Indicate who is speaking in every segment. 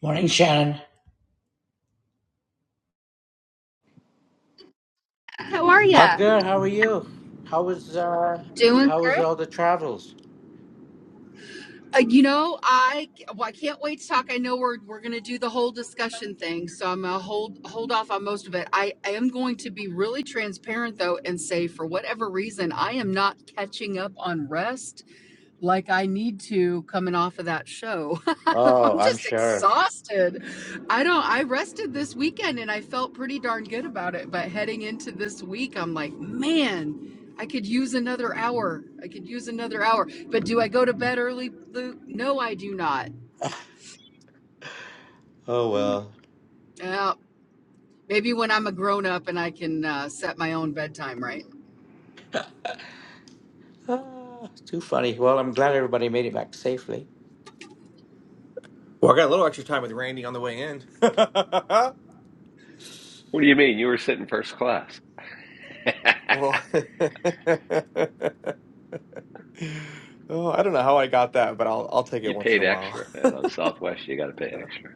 Speaker 1: Morning, Shannon.
Speaker 2: How are
Speaker 1: How
Speaker 2: ya?
Speaker 1: good. How are you? How was uh
Speaker 2: Doing
Speaker 1: how was
Speaker 2: great.
Speaker 1: all the travels?
Speaker 2: Uh, you know, I well, I can't wait to talk. I know we're we're gonna do the whole discussion thing, so I'm gonna hold hold off on most of it. I, I am going to be really transparent though, and say for whatever reason, I am not catching up on rest. like I need to coming off of that show.
Speaker 1: Oh,
Speaker 2: I'm
Speaker 1: I'm
Speaker 2: just
Speaker 1: sure.
Speaker 2: exhausted. I don't I rested this weekend and I felt pretty darn good about it, but heading into this week I'm like, man, I could use another hour. I could use another hour. But do I go to bed early, Luke? No, I do not.
Speaker 1: Oh well.
Speaker 2: Uh, maybe when I'm a grown up and I can uh, set my own bedtime, right?
Speaker 1: Ah, too funny. Well, I'm glad everybody made it back safely.
Speaker 3: Well, I got a little extra time with Randy on the way in.
Speaker 4: What do you mean? You were sitting first class.
Speaker 3: well, oh, I don't know how I got that, but I'll I'll take it
Speaker 4: you
Speaker 3: once in
Speaker 4: paid
Speaker 3: a while.
Speaker 4: extra, and on Southwest you got to pay extra.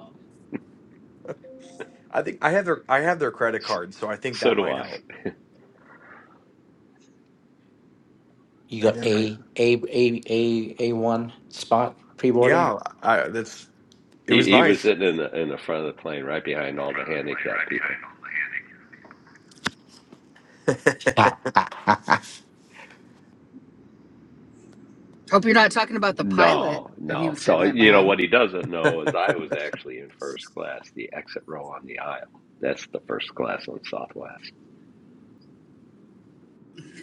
Speaker 3: I think I have their I have their credit
Speaker 4: S-
Speaker 3: card, so I think
Speaker 4: So
Speaker 3: that
Speaker 4: do
Speaker 3: might
Speaker 4: I.
Speaker 3: help.
Speaker 1: You
Speaker 3: And
Speaker 1: got
Speaker 3: then like,
Speaker 1: a a a a a one spot pre boarding.
Speaker 3: yeah, I, that's it
Speaker 4: He
Speaker 3: was
Speaker 4: he was
Speaker 3: nice.
Speaker 4: sitting in the in the front of the plane, right behind all the handicapped people.
Speaker 1: Ha, ha, ha, ha.
Speaker 2: Hope you're not talking about the pilot
Speaker 4: No,
Speaker 2: that he
Speaker 4: no.
Speaker 2: was sitting
Speaker 4: So
Speaker 2: right
Speaker 4: you know
Speaker 2: behind.
Speaker 4: what he doesn't know is I was actually in first class, the exit row on the aisle. That's the first class on Southwest.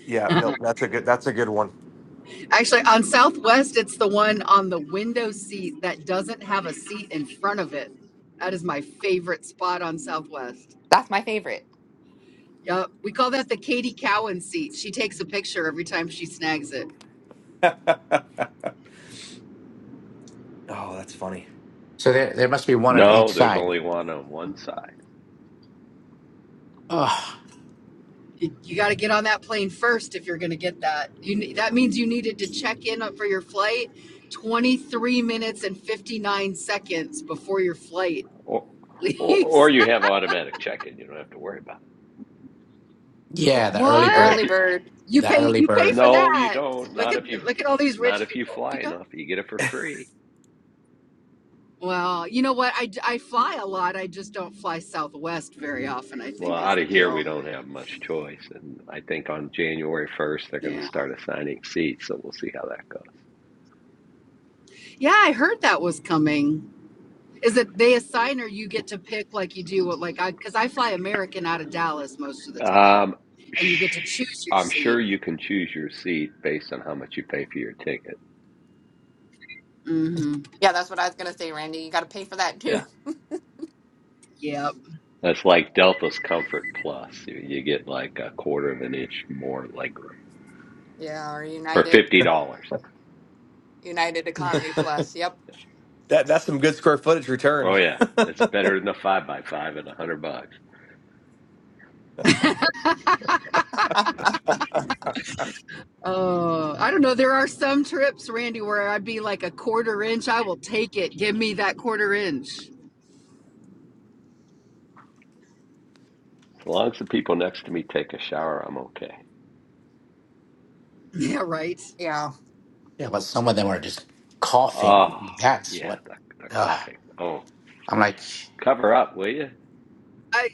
Speaker 3: Yeah, no, that's a good that's a good one.
Speaker 2: Actually, on Southwest, it's the one on the window seat that doesn't have a seat in front of it. That is my favorite spot on Southwest.
Speaker 5: That's my favorite.
Speaker 2: Yep. We call that the Katie Cowan seat. She takes a picture every time she snags it.
Speaker 3: oh, that's funny.
Speaker 1: so there there must be one on each
Speaker 4: No, there's
Speaker 1: side.
Speaker 4: only one on one side,
Speaker 1: Oh
Speaker 2: You, you got to get on that plane first if you're going to get that. You ne- that means you needed to check in for your flight 23 minutes and 59 seconds before your flight
Speaker 4: or or,
Speaker 2: leaves.
Speaker 4: or you have automatic check-in. You don't have to worry about
Speaker 1: yeah, the early
Speaker 4: it.
Speaker 1: bird.
Speaker 2: what?
Speaker 4: If
Speaker 5: Early
Speaker 4: you
Speaker 5: bird.
Speaker 2: You
Speaker 1: The
Speaker 2: pay
Speaker 1: early
Speaker 2: you pay
Speaker 1: bird.
Speaker 2: for
Speaker 4: No, you
Speaker 2: that.
Speaker 4: don't.
Speaker 2: Look
Speaker 4: Not if
Speaker 2: at
Speaker 4: you
Speaker 2: look at all these
Speaker 4: not
Speaker 2: rich
Speaker 4: if you
Speaker 2: people.
Speaker 4: fly
Speaker 2: You know
Speaker 4: enough. You get it for free.
Speaker 2: Well, you know what? I I fly a lot. I just don't fly Southwest very often, I
Speaker 4: Well,
Speaker 2: think is
Speaker 4: out
Speaker 2: the
Speaker 4: of here we
Speaker 2: deal.
Speaker 4: don't have much choice. And I think on January 1st they're going to
Speaker 2: Yeah.
Speaker 4: start assigning seats, so we'll see how that goes.
Speaker 2: Yeah, I heard that was coming. Is it they assign or you get to pick like you do what like I cuz I fly American out of Dallas most of the time
Speaker 4: Um
Speaker 2: and you get to
Speaker 4: sh-
Speaker 2: choose your
Speaker 4: I'm sure
Speaker 2: seat.
Speaker 4: you can choose your seat based on how much you pay for your ticket.
Speaker 2: mm Mhm.
Speaker 5: Yeah, that's what I was gonna say, Randy. You gotta pay for that
Speaker 4: Yeah.
Speaker 5: too.
Speaker 2: Yep.
Speaker 4: That's like Delta's Comfort Plus. You, you get like a quarter of an inch more legroom
Speaker 5: Yeah, or
Speaker 4: for
Speaker 5: United
Speaker 4: $50.
Speaker 5: United Economy Plus. Yep.
Speaker 3: That that's some good square footage
Speaker 4: Oh
Speaker 3: return.
Speaker 4: yeah. It's better than a 5 by 5 at 100 bucks.
Speaker 2: Oh, I don't know. There are some trips, Randy, where I'd be like a quarter inch. I will take it. Give me that quarter inch.
Speaker 4: As long as the people next to me take a shower, I'm okay.
Speaker 2: Yeah, right.
Speaker 5: Yeah.
Speaker 1: Yeah, but some of them are just coughing.
Speaker 4: Oh,
Speaker 1: That's
Speaker 4: yeah,
Speaker 1: what.
Speaker 4: the, the
Speaker 1: Ugh.
Speaker 4: coughing. Oh,
Speaker 1: I'm like,
Speaker 4: cover up, will you?
Speaker 2: I.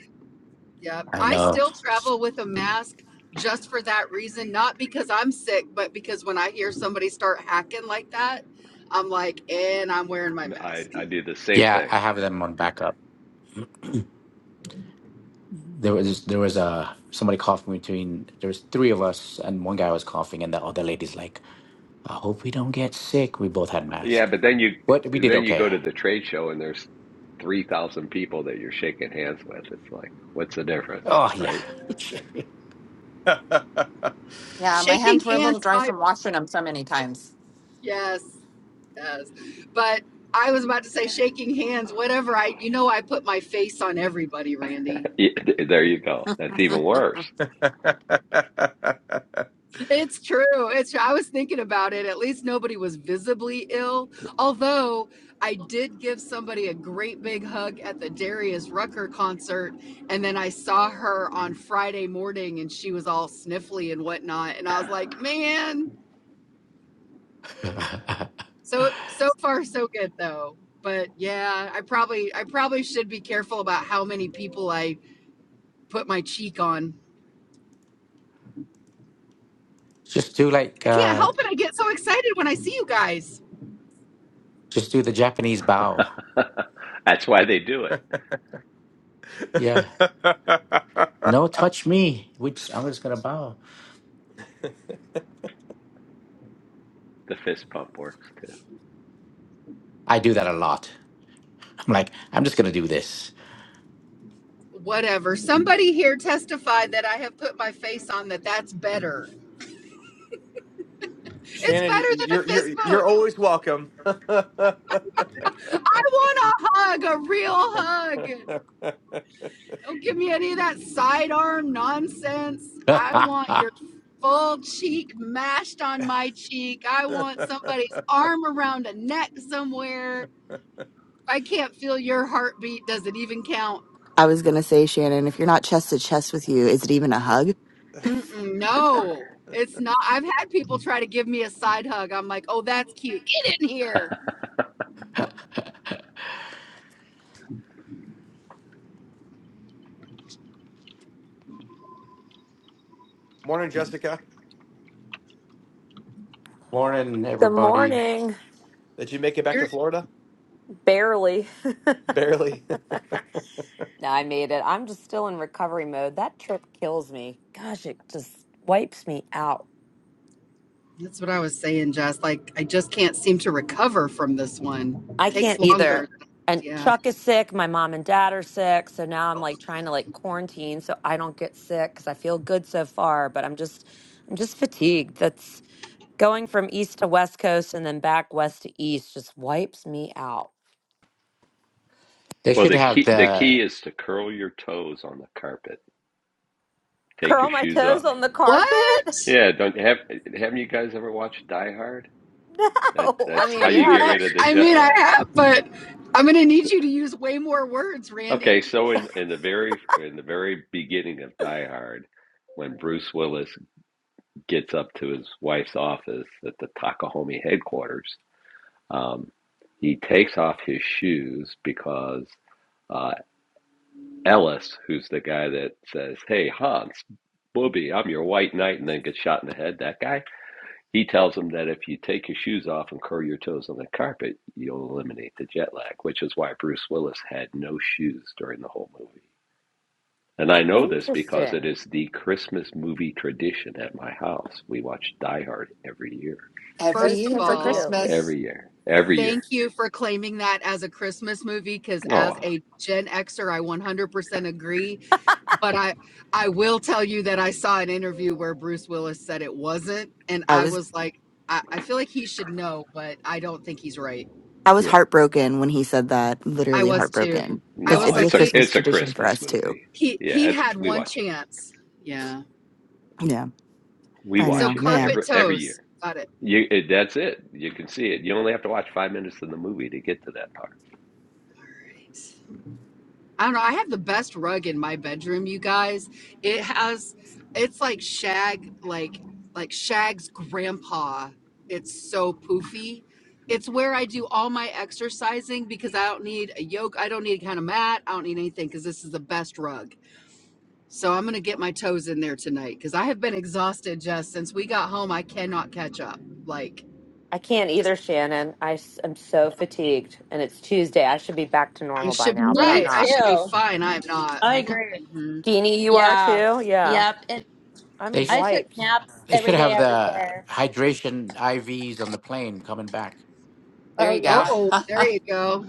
Speaker 2: Yeah,
Speaker 1: I
Speaker 2: I
Speaker 1: know.
Speaker 2: still travel with a mask just for that reason, not because I'm sick, but because when I hear somebody start hacking like that, I'm like, and I'm wearing my
Speaker 4: I,
Speaker 2: mask.
Speaker 4: I do the same
Speaker 1: Yeah,
Speaker 4: thing.
Speaker 1: I have them on
Speaker 4: Yeah.
Speaker 1: backup. There was there was a somebody coughing between. There was three of us, and one guy was coughing, and the other lady's like, "I hope we don't get sick." We both had
Speaker 4: Yeah,
Speaker 1: masks,
Speaker 4: but then you
Speaker 1: but we did
Speaker 4: then you
Speaker 1: okay.
Speaker 4: go to the trade show and there's 3,000 people that you're shaking hands with. It's like, what's the difference,
Speaker 1: Oh yeah,
Speaker 4: right?
Speaker 5: Yeah, my
Speaker 2: Shaking
Speaker 5: hands were a little
Speaker 2: hands,
Speaker 5: dry
Speaker 2: my
Speaker 5: from washing them so many times.
Speaker 2: yes, yes. But I was about to say shaking hands, whatever. I you know I put my face on everybody, Randy.
Speaker 4: Yeah, There you go. That's even worse.
Speaker 2: It's true. It's true. I was thinking about it. At least nobody was visibly ill. Although I did give somebody a great big hug at the Darius Rucker concert. And then I saw her on Friday morning and she was all sniffly and whatnot. And I was like, man, so so far so good though. But yeah, I probably I probably should be careful about how many people I put my cheek on.
Speaker 1: just do like
Speaker 2: I can't
Speaker 1: uh,
Speaker 2: help it. I get so excited when I see you guys.
Speaker 1: just do the Japanese bow.
Speaker 4: That's why they do it.
Speaker 1: Yeah, no, touch me. Which I'm just gonna bow.
Speaker 4: The fist pump works too.
Speaker 1: I do that a lot. I'm like, I'm just gonna do this.
Speaker 2: whatever. Somebody here testified that I have put my face on that that's better. It's
Speaker 3: Shannon, you-
Speaker 2: better than a
Speaker 3: you're you're
Speaker 2: fist bump.
Speaker 3: you're always welcome.
Speaker 2: I want a hug, a real hug. Don't give me any of that sidearm nonsense. I want your full cheek mashed on my cheek. I want somebody's arm around a neck somewhere. If I can't feel your heartbeat. Does it even count?
Speaker 6: I was gonna say, Shannon, if you're not chest to chest with you, is it even a hug?
Speaker 2: Mm-mm, no, it's not. I've had people try to give me a side hug. I'm like, oh, that's cute. Get in here
Speaker 3: Morning, Jessica.
Speaker 1: Morning,
Speaker 7: Good
Speaker 1: everybody.
Speaker 7: morning.
Speaker 3: Did you make it back
Speaker 2: You're.
Speaker 3: to Florida?
Speaker 7: Barely.
Speaker 3: Barely.
Speaker 7: No, I made it. I'm just still in recovery mode. That trip kills me. Gosh, it just wipes me out.
Speaker 2: That's what I was saying, Jess. Like, I just can't seem to recover from this one.
Speaker 7: I can't
Speaker 2: Takes longer.
Speaker 7: either. And
Speaker 2: Yeah.
Speaker 7: Chuck is sick. My mom and dad are sick. So now I'm like trying to like quarantine so I don't get sick because I feel good so far. But I'm just, I'm just fatigued. That's going from east to west coast and then back west to east just wipes me out.
Speaker 1: They
Speaker 4: Well,
Speaker 1: should
Speaker 4: the
Speaker 1: have
Speaker 4: key the key
Speaker 1: the
Speaker 4: is to curl your toes on the carpet. Take your
Speaker 7: Curl my
Speaker 4: shoes
Speaker 7: toes
Speaker 4: off.
Speaker 7: on the
Speaker 2: What?
Speaker 7: carpet?
Speaker 4: Yeah, don't have haven't you guys ever watched Die Hard? That
Speaker 7: No. I
Speaker 4: that's
Speaker 7: mean,
Speaker 4: how you
Speaker 7: yeah,
Speaker 4: get rid
Speaker 7: but
Speaker 4: of the
Speaker 2: I
Speaker 4: jet
Speaker 2: mean, I
Speaker 4: lag.
Speaker 2: have, but I'm going to need you to use way more words,
Speaker 4: Okay,
Speaker 2: Randy.
Speaker 4: so in, in the very in the very beginning of Die Hard, when Bruce Willis gets up to his wife's office at the Takahome headquarters, um, he takes off his shoes because uh, Ellis, who's the guy that says, "Hey Hans, booby, I'm your white knight," and then gets shot in the head. That guy. He tells him that if you take your shoes off and curl your toes on the carpet, you'll eliminate the jet lag, which is why Bruce Willis had no shoes during the whole movie. And I know this because
Speaker 7: interesting.
Speaker 4: it is the Christmas movie tradition at my house. We watch Die Hard every year,
Speaker 5: Every
Speaker 2: First
Speaker 7: Most
Speaker 2: of
Speaker 5: year
Speaker 7: people
Speaker 5: for
Speaker 2: all,
Speaker 7: do.
Speaker 5: Christmas.
Speaker 4: every year, every
Speaker 2: thank
Speaker 4: year.
Speaker 2: you for claiming that as a Christmas movie because
Speaker 4: Oh,
Speaker 2: as
Speaker 4: wow.
Speaker 2: a Gen Xer, I 100% agree. But I, I will tell you that I saw an interview where Bruce Willis said it wasn't. And
Speaker 6: I
Speaker 2: I
Speaker 6: was
Speaker 2: was like, I, I feel like he should know, but I don't think he's right.
Speaker 6: I was
Speaker 4: yeah.
Speaker 6: heartbroken when he said that.
Speaker 2: I
Speaker 6: Literally
Speaker 2: was too.
Speaker 6: heartbroken
Speaker 2: I
Speaker 6: because it
Speaker 2: was
Speaker 4: No,
Speaker 6: is a
Speaker 2: like,
Speaker 4: it's a
Speaker 2: he,
Speaker 6: Christmas
Speaker 4: it's a
Speaker 6: tradition for
Speaker 4: Christmas
Speaker 6: us too.
Speaker 4: movie.
Speaker 2: he,
Speaker 4: Yeah,
Speaker 2: he
Speaker 4: it's
Speaker 2: had
Speaker 4: we
Speaker 2: one
Speaker 4: watch it.
Speaker 2: chance. Yeah.
Speaker 6: Yeah,
Speaker 4: We
Speaker 6: I
Speaker 2: So
Speaker 6: know,
Speaker 4: watch it
Speaker 6: man.
Speaker 2: carpet
Speaker 4: every every year.
Speaker 2: toes. Got it.
Speaker 4: You it, that's it. You can see it. You only have to watch five minutes of the movie to get to that part.
Speaker 2: Right. I don't know. I have the best rug in my bedroom, you guys. It has, it's like shag, like, like Shag's grandpa. It's so poofy. It's where I do all my exercising because I don't need a yoke. I don't need a kind of mat. I don't need anything because this is the best rug. So I'm going to get my toes in there tonight because I have been exhausted just since we got home. I cannot catch up. Like,
Speaker 7: I can't either,
Speaker 2: just,
Speaker 7: Shannon. I am so fatigued, and it's Tuesday. I should be back to
Speaker 2: I
Speaker 7: normal by
Speaker 2: should,
Speaker 7: now, but I'm
Speaker 8: Me
Speaker 2: right. I
Speaker 7: not.
Speaker 2: should be
Speaker 8: too.
Speaker 2: fine. I'm not.
Speaker 8: I agree.
Speaker 2: Mhm.
Speaker 7: Deanie, you are
Speaker 8: Yeah.
Speaker 7: too? Yeah.
Speaker 8: Yep. And
Speaker 7: I'm
Speaker 1: they.
Speaker 8: I took
Speaker 7: wiped.
Speaker 8: naps
Speaker 1: They
Speaker 8: every
Speaker 1: should
Speaker 8: day
Speaker 1: have
Speaker 8: I was
Speaker 1: the
Speaker 8: there.
Speaker 1: hydration IVs on the plane coming back.
Speaker 5: There
Speaker 8: Oh,
Speaker 5: you go.
Speaker 8: yeah.
Speaker 2: Oh, there
Speaker 5: that
Speaker 2: you go.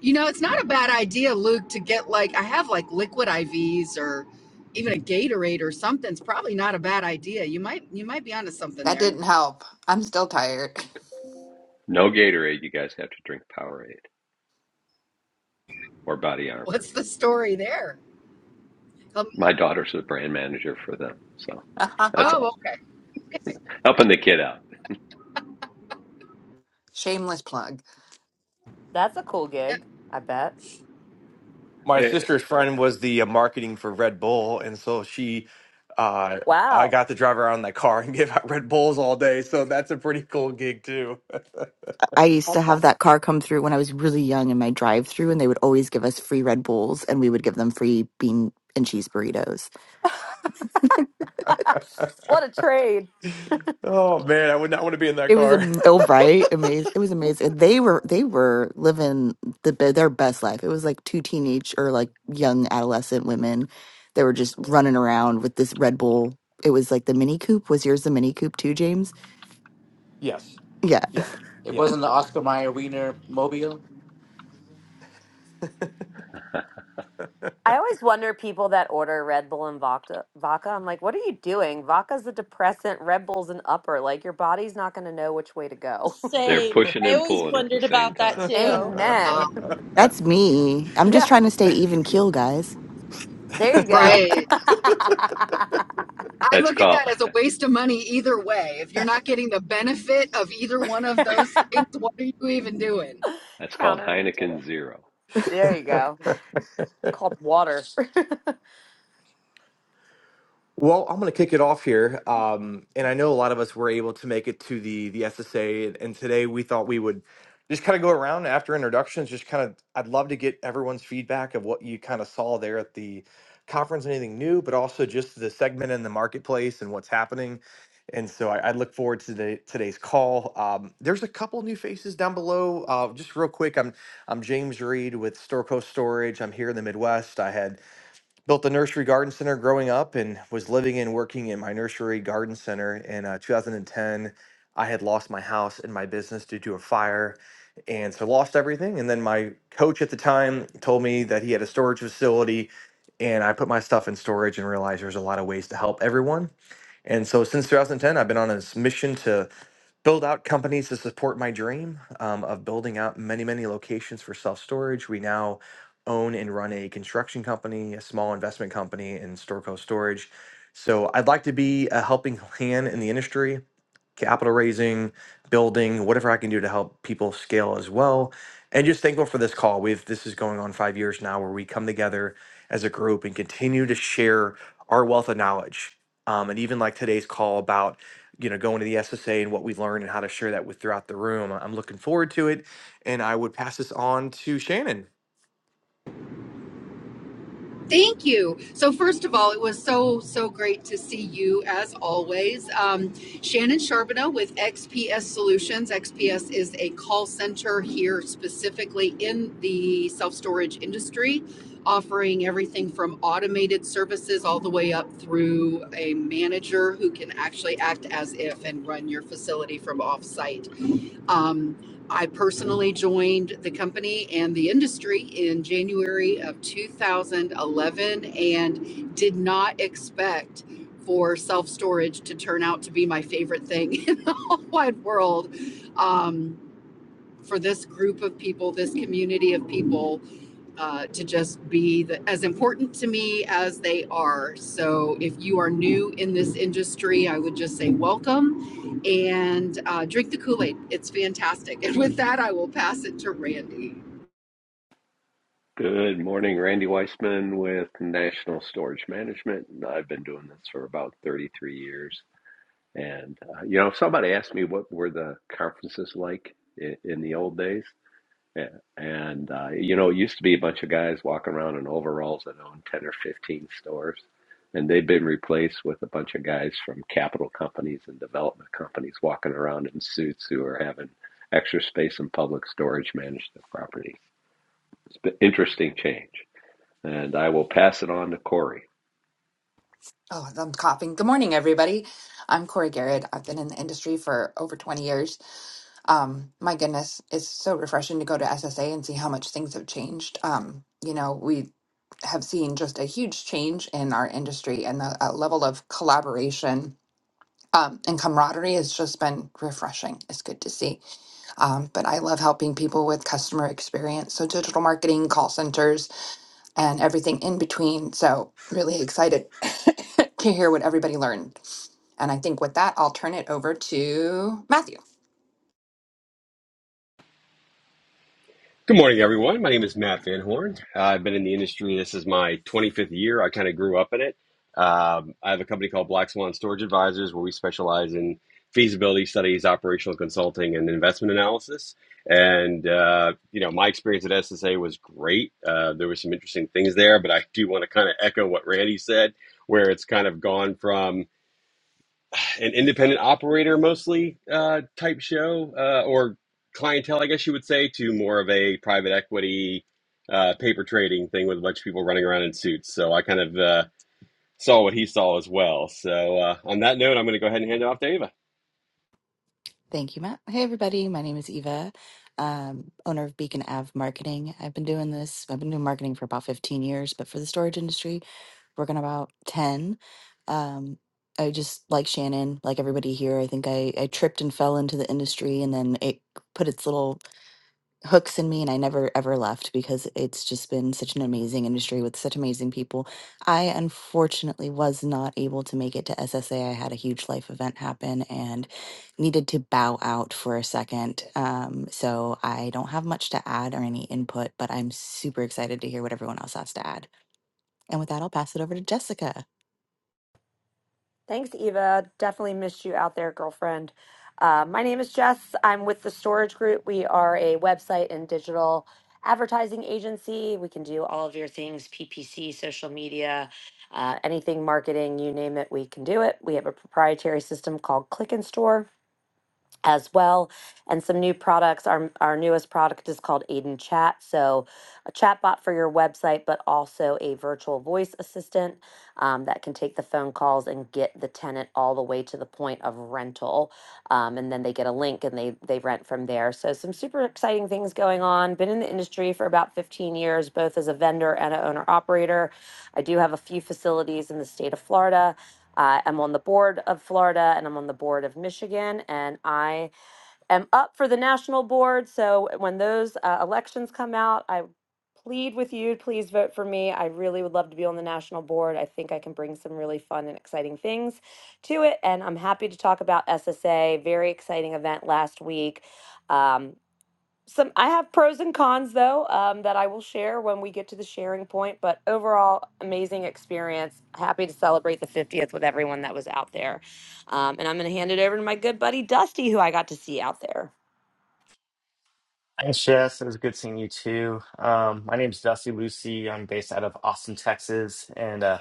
Speaker 2: You know, it's not a bad idea, Luke, to get like, I have like liquid IVs or even a Gatorade or something. It's probably not a bad idea. You might, you might be onto something there.
Speaker 5: didn't help. I'm still tired.
Speaker 4: No Gatorade. You guys have to drink Powerade or Body Armor.
Speaker 2: What's the story there? Um,
Speaker 4: My daughter's the brand manager for them, so that's
Speaker 2: oh,
Speaker 4: all.
Speaker 2: okay.
Speaker 4: Helping the kid out.
Speaker 5: Shameless plug.
Speaker 7: That's a cool
Speaker 2: Yep.
Speaker 7: gig, I bet.
Speaker 3: My
Speaker 4: Eh,
Speaker 3: sister's friend was the uh, marketing for Red Bull, and so she, uh, I
Speaker 7: Wow.
Speaker 3: got to drive around in that car and give out Red Bulls all day. So that's a pretty cool gig too.
Speaker 6: I I used to
Speaker 7: That's
Speaker 6: have
Speaker 7: awesome.
Speaker 6: that car come through when I was really young in my drive-through, and they would always give us free Red Bulls, and we would give them free bean and cheese burritos.
Speaker 7: What a trade.
Speaker 3: oh man, I would not want to be in that
Speaker 6: It was
Speaker 3: car.
Speaker 6: am- oh right, amazing. It was amazing. They were they were living the be- their best life. It was like two teenage or like young adolescent women that were just running around with this Red Bull. It was like the Mini Coupe. Was yours the Mini Coupe too, James?
Speaker 3: Yes.
Speaker 6: Yeah,
Speaker 3: Yep.
Speaker 1: It wasn't the Oscar Mayer Wiener mobile.
Speaker 7: I always wonder people that order Red Bull and vodka. vodka I'm like, what are you doing? Vodka's a depressant, Red Bull's an upper. Like, your body's not going to know which way to go.
Speaker 4: They're
Speaker 8: Same.
Speaker 4: pushing
Speaker 8: I
Speaker 4: and
Speaker 8: always
Speaker 4: pulling at the
Speaker 8: wondered
Speaker 4: same
Speaker 8: about that
Speaker 4: time.
Speaker 3: Yep.
Speaker 8: too.
Speaker 7: Amen.
Speaker 2: Oh,
Speaker 6: that's me. I'm just
Speaker 7: Yeah.
Speaker 6: trying to stay even keel, guys.
Speaker 7: There you go.
Speaker 2: right. I
Speaker 4: That's
Speaker 2: look at
Speaker 4: called
Speaker 2: that as a waste of money either way. If you're not getting the benefit of either one of those things, what are you even doing?
Speaker 4: that's called
Speaker 7: countering each other.
Speaker 4: Heineken Zero.
Speaker 7: There you go. Called water.
Speaker 3: Well, I'm going to kick it off here, um, and I know a lot of us were able to make it to the the SSA, and, and today we thought we would just kind of go around after introductions. Just kind of, I'd love to get everyone's feedback of what you kind of saw there at the conference, anything new, but also just the segment in the marketplace and what's happening. And so I, I look forward to the, today's call. Um, there's a couple new faces down below. Uh, just real quick, I'm I'm James Reed with Storco Storage. I'm here in the Midwest. I had built a nursery garden center growing up and was living and working in my nursery garden center in uh, 2010 i had lost my house and my business due to a fire and so lost everything and then my coach at the time told me that he had a storage facility and i put my stuff in storage and realized there's a lot of ways to help everyone and so since 2010 i've been on this mission to build out companies to support my dream um, of building out many, many locations for self storage. We now own and run a construction company, a small investment company in Storco Storage. So I'd like to be a helping hand in the industry capital raising, building, whatever I can do to help people scale as well. And just thankful for this call. We've this is going on five years now, where we come together as a group and continue to share our wealth of knowledge. Um, and even like today's call about you know going to the SSA and what we learned and how to share that with throughout the room. I'm looking forward to it, and I would pass this on to Shannon.
Speaker 2: Thank you. So, first of all, it was so, so great to see you as always. Um, Shannon Charbonneau with XPS Solutions. XPS is a call center here specifically in the self storage industry, offering everything from automated services all the way up through a manager who can actually act as if and run your facility from offsite. Um, I personally joined the company and the industry in January of 2011 and did not expect for self storage to turn out to be my favorite thing in the whole wide world. Um, for this group of people, this community of people, uh, to just be the, as important to me as they are. So if you are new in this industry, I would just say welcome and uh, drink the Kool Aid. It's fantastic. And with that, I will pass it to Randy.
Speaker 4: Good morning, Randy Weissman with National Storage Management. I've been doing this for about 33 years. And, uh, you know, if somebody asked me what were the conferences like in, in the old days, Yeah, And uh, you know, it used to be a bunch of guys walking around in overalls that owned 10 or 15 stores, and they've been replaced with a bunch of guys from capital companies and development companies walking around in suits who are having extra space and public storage manage their property. It's been interesting change. And I will pass it on to Corey.
Speaker 5: Oh, I'm coughing. Good morning, everybody. I'm Corey Garrett. I've been in the industry for over 20 years. Um, my goodness, it's so refreshing to go to SSA and see how much things have changed. Um, you know, we have seen just a huge change in our industry and the uh, level of collaboration um, and camaraderie has just been refreshing. It's good to see. Um, but I love helping people with customer experience. So, digital marketing, call centers, and everything in between. So, really excited to hear what everybody learned. And I think with that, I'll turn it over to Matthew.
Speaker 9: Good morning, everyone. My name is Matt Van Horn. Uh, I've been in the industry. This is my 25th year. I kind of grew up in it. Um, I have a company called Black Swan Storage Advisors where we specialize in feasibility studies, operational consulting, and investment analysis. And, uh, you know, my experience at SSA was great. Uh, there were some interesting things there, but I do want to kind of echo what Randy said, where it's kind of gone from an independent operator mostly uh, type show uh, or clientele, I guess you would say, to more of a private equity uh, paper trading thing with a bunch of people running around in suits. So I kind of uh, saw what he saw as well. So uh, on that note, I'm going to go ahead and hand it off to Ava.
Speaker 6: Thank you, Matt. Hey, everybody. My name is Eva, um, owner of Beacon Ave Marketing. I've been doing this, I've been doing marketing for about 15 years, but for the storage industry, working about 10. Um, I just, like Shannon, like everybody here, I think I, I tripped and fell into the industry and then it put its little hooks in me and I never ever left because it's just been such an amazing industry with such amazing people. I unfortunately was not able to make it to SSA. I had a huge life event happen and needed to bow out for a second. Um, so I don't have much to add or any input, but I'm super excited to hear what everyone else has to add. And with that, I'll pass it over to Jessica.
Speaker 7: Thanks, Eva. Definitely missed you out there, girlfriend. Uh, my name is Jess. I'm with the Storage Group. We are a website and digital advertising agency. We can do all of your things PPC, social media, uh, anything marketing, you name it, we can do it. We have a proprietary system called Click and Store as well. and some new products. Our, our newest product is called Aiden Chat. So, a chatbot for your website, but also a virtual voice assistant um, that can take the phone calls and get the tenant all the way to the point of rental. Um, and then they get a link and they, they rent from there. So, some super exciting things going on. Been in the industry for about 15 years, both as a vendor and an owner operator. I do have a few facilities in the state of Florida. Uh, I'm on the board of Florida and I'm on the board of Michigan, and I am up for the national board. So when those uh, elections come out, I plead with you, please vote for me. I really would love to be on the national board. I think I can bring some really fun and exciting things to it. And I'm happy to talk about SSA, very exciting event last week. Um, some I have pros and cons though um, that I will share when we get to the sharing point. But overall, amazing experience. Happy to celebrate the 50th with everyone that was out there. Um, and I'm going to hand it over to my good buddy Dusty, who I got to see out there.
Speaker 10: Thanks, Jess. It was good seeing you too. Um, my name's Dusty Lucy. I'm based out of Austin, Texas, and uh,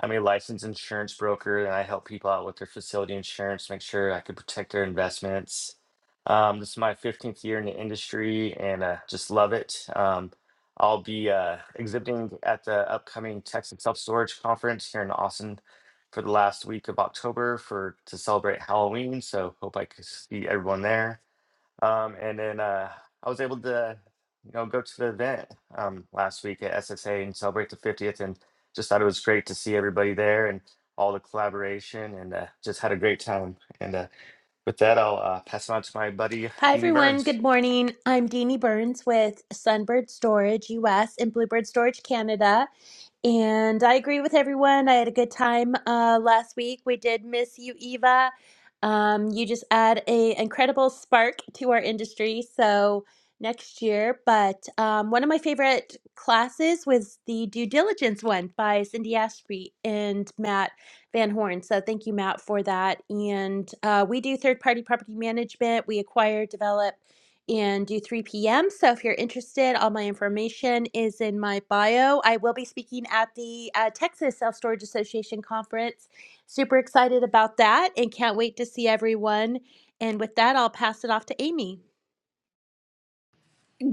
Speaker 10: I'm a licensed insurance broker, and I help people out with their facility insurance, make sure I can protect their investments. Um, this is my 15th year in the industry, and uh, just love it. Um, I'll be uh, exhibiting at the upcoming Texas Self Storage Conference here in Austin for the last week of October for to celebrate Halloween. So hope I can see everyone there. Um, and then uh, I was able to, you know, go to the event um, last week at SSA and celebrate the 50th, and just thought it was great to see everybody there and all the collaboration, and uh, just had a great time. And uh, with that, I'll uh, pass it on to my buddy
Speaker 8: Hi,
Speaker 10: Deanie
Speaker 8: everyone.
Speaker 10: Burns.
Speaker 8: Good morning. I'm Deanie Burns with Sunbird Storage US and Bluebird Storage Canada. And I agree with everyone. I had a good time uh, last week. We did miss you, Eva. Um, you just add a incredible spark to our industry. So next year, but um, one of my favorite classes was the due diligence one by Cindy Ashby and Matt Van Horn. So thank you, Matt, for that. And uh, we do third party property management. We acquire, develop and do 3 p.m. So if you're interested, all my information is in my bio. I will be speaking at the uh, Texas Self Storage Association conference. Super excited about that and can't wait to see everyone. And with that, I'll pass it off to Amy.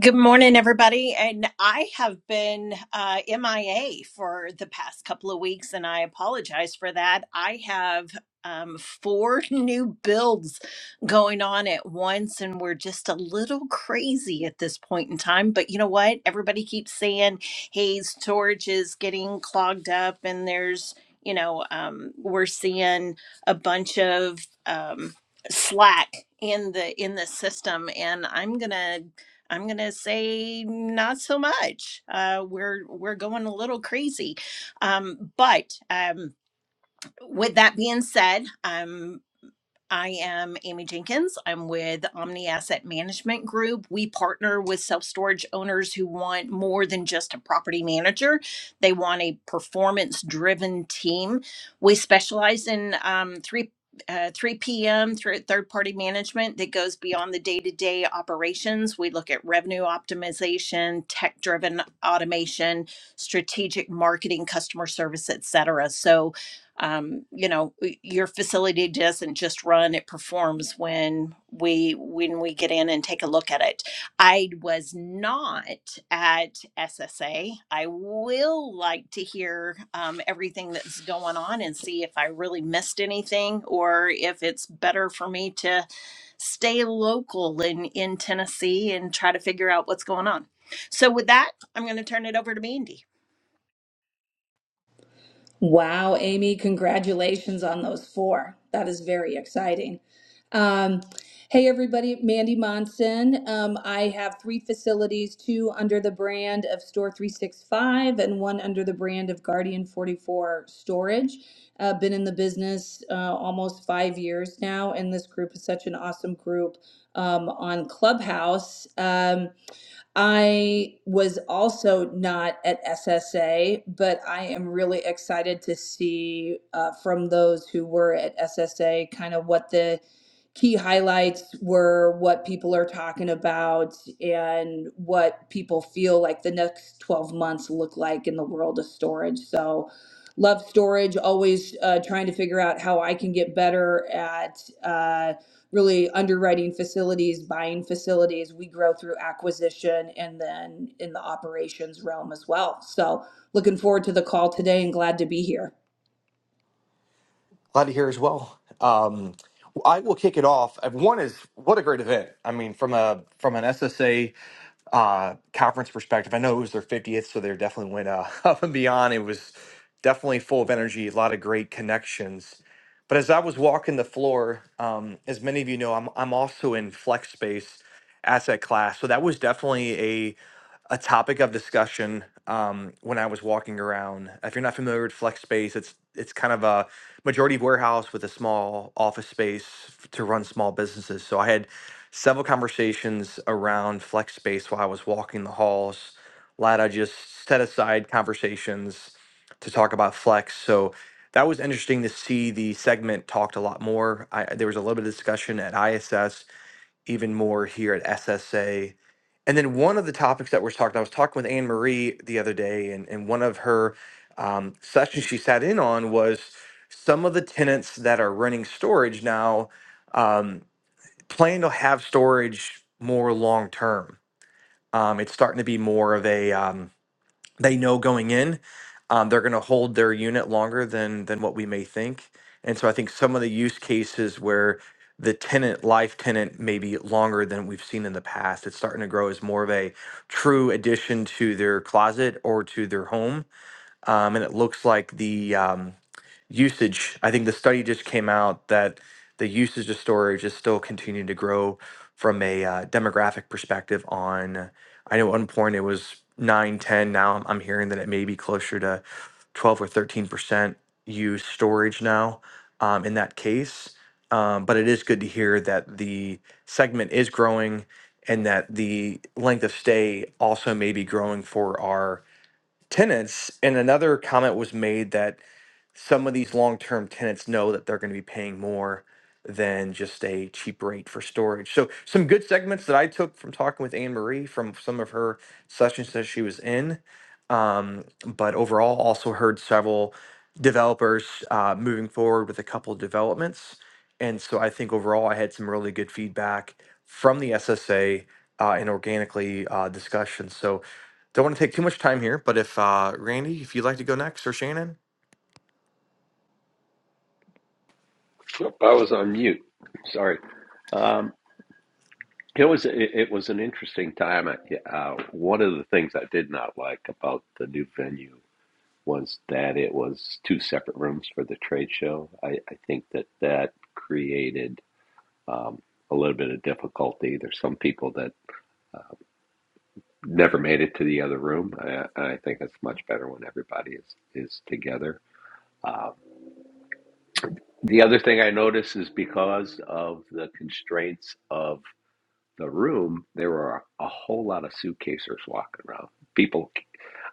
Speaker 11: Good morning, everybody. And I have been uh, MIA for the past couple of weeks, and I apologize for that. I have um, four new builds going on at once, and we're just a little crazy at this point in time. But you know what? Everybody keeps saying, hey, storage is getting clogged up, and there's, you know, um, we're seeing a bunch of um, slack in the in the system and i'm gonna I'm gonna say not so much. Uh, we're we're going a little crazy, um, but um, with that being said, um, I am Amy Jenkins. I'm with Omni Asset Management Group. We partner with self storage owners who want more than just a property manager, they want a performance driven team. We specialize in um, three. Uh, 3 p.m. through third party management that goes beyond the day to day operations. We look at revenue optimization, tech driven automation, strategic marketing, customer service, et cetera. So, um, you know, your facility doesn't just run it performs when we when we get in and take a look at it i was not at ssa i will like to hear um, everything that's going on and see if i really missed anything or if it's better for me to stay local in in tennessee and try to figure out what's going on so with that i'm going to turn it over to mandy
Speaker 12: Wow, Amy, congratulations on those four. That is very exciting. Um, hey, everybody, Mandy Monson. Um, I have three facilities two under the brand of Store 365 and one under the brand of Guardian 44 Storage. Uh, been in the business uh, almost five years now, and this group is such an awesome group um, on Clubhouse. Um, I was also not at SSA, but I am really excited to see uh, from those who were at SSA kind of what the key highlights were, what people are talking about, and what people feel like the next 12 months look like in the world of storage. So, love storage, always uh, trying to figure out how I can get better at. Uh, really underwriting facilities, buying facilities. We grow through acquisition and then in the operations realm as well. So looking forward to the call today and glad to be here.
Speaker 3: Glad to hear as well. Um, I will kick it off. Uh, One is what a great event. I mean, from a from an SSA uh, conference perspective, I know it was their 50th, so they definitely went uh, up and beyond. It was definitely full of energy, a lot of great connections. But as I was walking the floor, um, as many of you know, I'm I'm also in flex space asset class, so that was definitely a topic of discussion um, when I was walking around. If you're not familiar with flex space, it's it's kind of a majority warehouse with a small office space f- to run small businesses. So I had several conversations around flex space while I was walking the halls. A lot of just set aside conversations to talk about flex. So that was interesting to see the segment talked a lot more. I, there was a little bit of discussion at ISS even more here at SSA. And then one of the topics that we're talking, I was talking with Anne Marie the other day, and, and one of her um, sessions she sat in on was some of the tenants that are renting storage now um, plan to have storage more long term. Um, it's starting to be more of a um, they know going in um, they're going to hold their unit longer than than what we may think and so i think some of the use cases where the tenant life tenant may be longer than we've seen in the past it's starting to grow as more of a true addition to their closet or to their home um, and it looks like the um, usage. I think the study just came out that the usage of storage is still continuing to grow from a uh, demographic perspective. On I know at one point it was nine, ten. Now I'm I'm hearing that it may be closer to twelve or thirteen percent use storage now. Um, in that case, um, but it is good to hear that the segment is growing and that the length of stay also may be growing for our tenants. And another comment was made that some of these long term tenants know that they're going to be paying more than just a cheap rate for storage. So, some good segments that I took from talking with Anne Marie from some of her sessions that she was in. Um, but overall, also heard several developers uh, moving forward with a couple of developments. And so, I think overall, I had some really good feedback from the SSA uh, and organically uh, discussion. So, don't want to take too much time here, but if uh, Randy, if you'd like to go next, or Shannon,
Speaker 4: Nope, I was on mute. Sorry. Um, it was it, it was an interesting time. I, uh, one of the things I did not like about the new venue was that it was two separate rooms for the trade show. I, I think that that created um, a little bit of difficulty. There's some people that never made it to the other room. I, I think it's much better when everybody is, is together. Um, the other thing I noticed is because of the constraints of the room, there were a whole lot of suitcasers walking around. People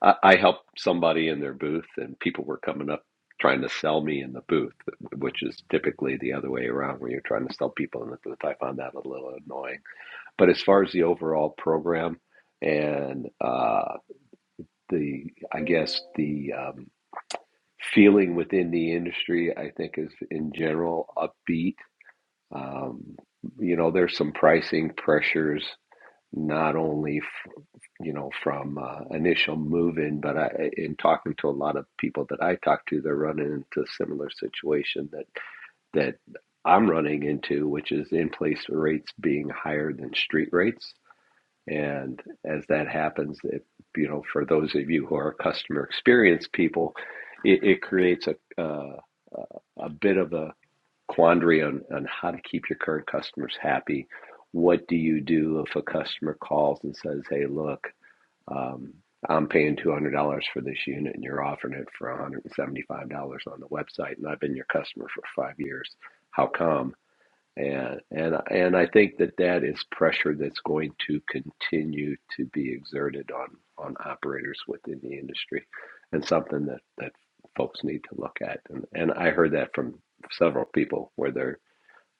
Speaker 4: I, I helped somebody in their booth, and people were coming up trying to sell me in the booth, which is typically the other way around where you're trying to sell people in the booth. I found that a little annoying. But as far as the overall program and uh, the, I guess, the um, feeling within the industry, I think is in general upbeat. Um, you know, there's some pricing pressures, not only you know, from uh, initial in But I, in talking to a lot of people that I talk to, they're running into a similar situation that that I'm running into, which is in place rates being higher than street rates. And as that happens, it, you know, for those of you who are customer experience people, it, it creates a uh, a bit of a quandary on, on how to keep your current customers happy. What do you do if a customer calls and says, "Hey, look." Um, I'm paying $200 for this unit and you're offering it for $175 on the website and I've been your customer for five years. How come? And, and, and I think that that is pressure that's going to continue to be exerted on, on operators within the industry and something that, that folks need to look at. And, and I heard that from several people where they're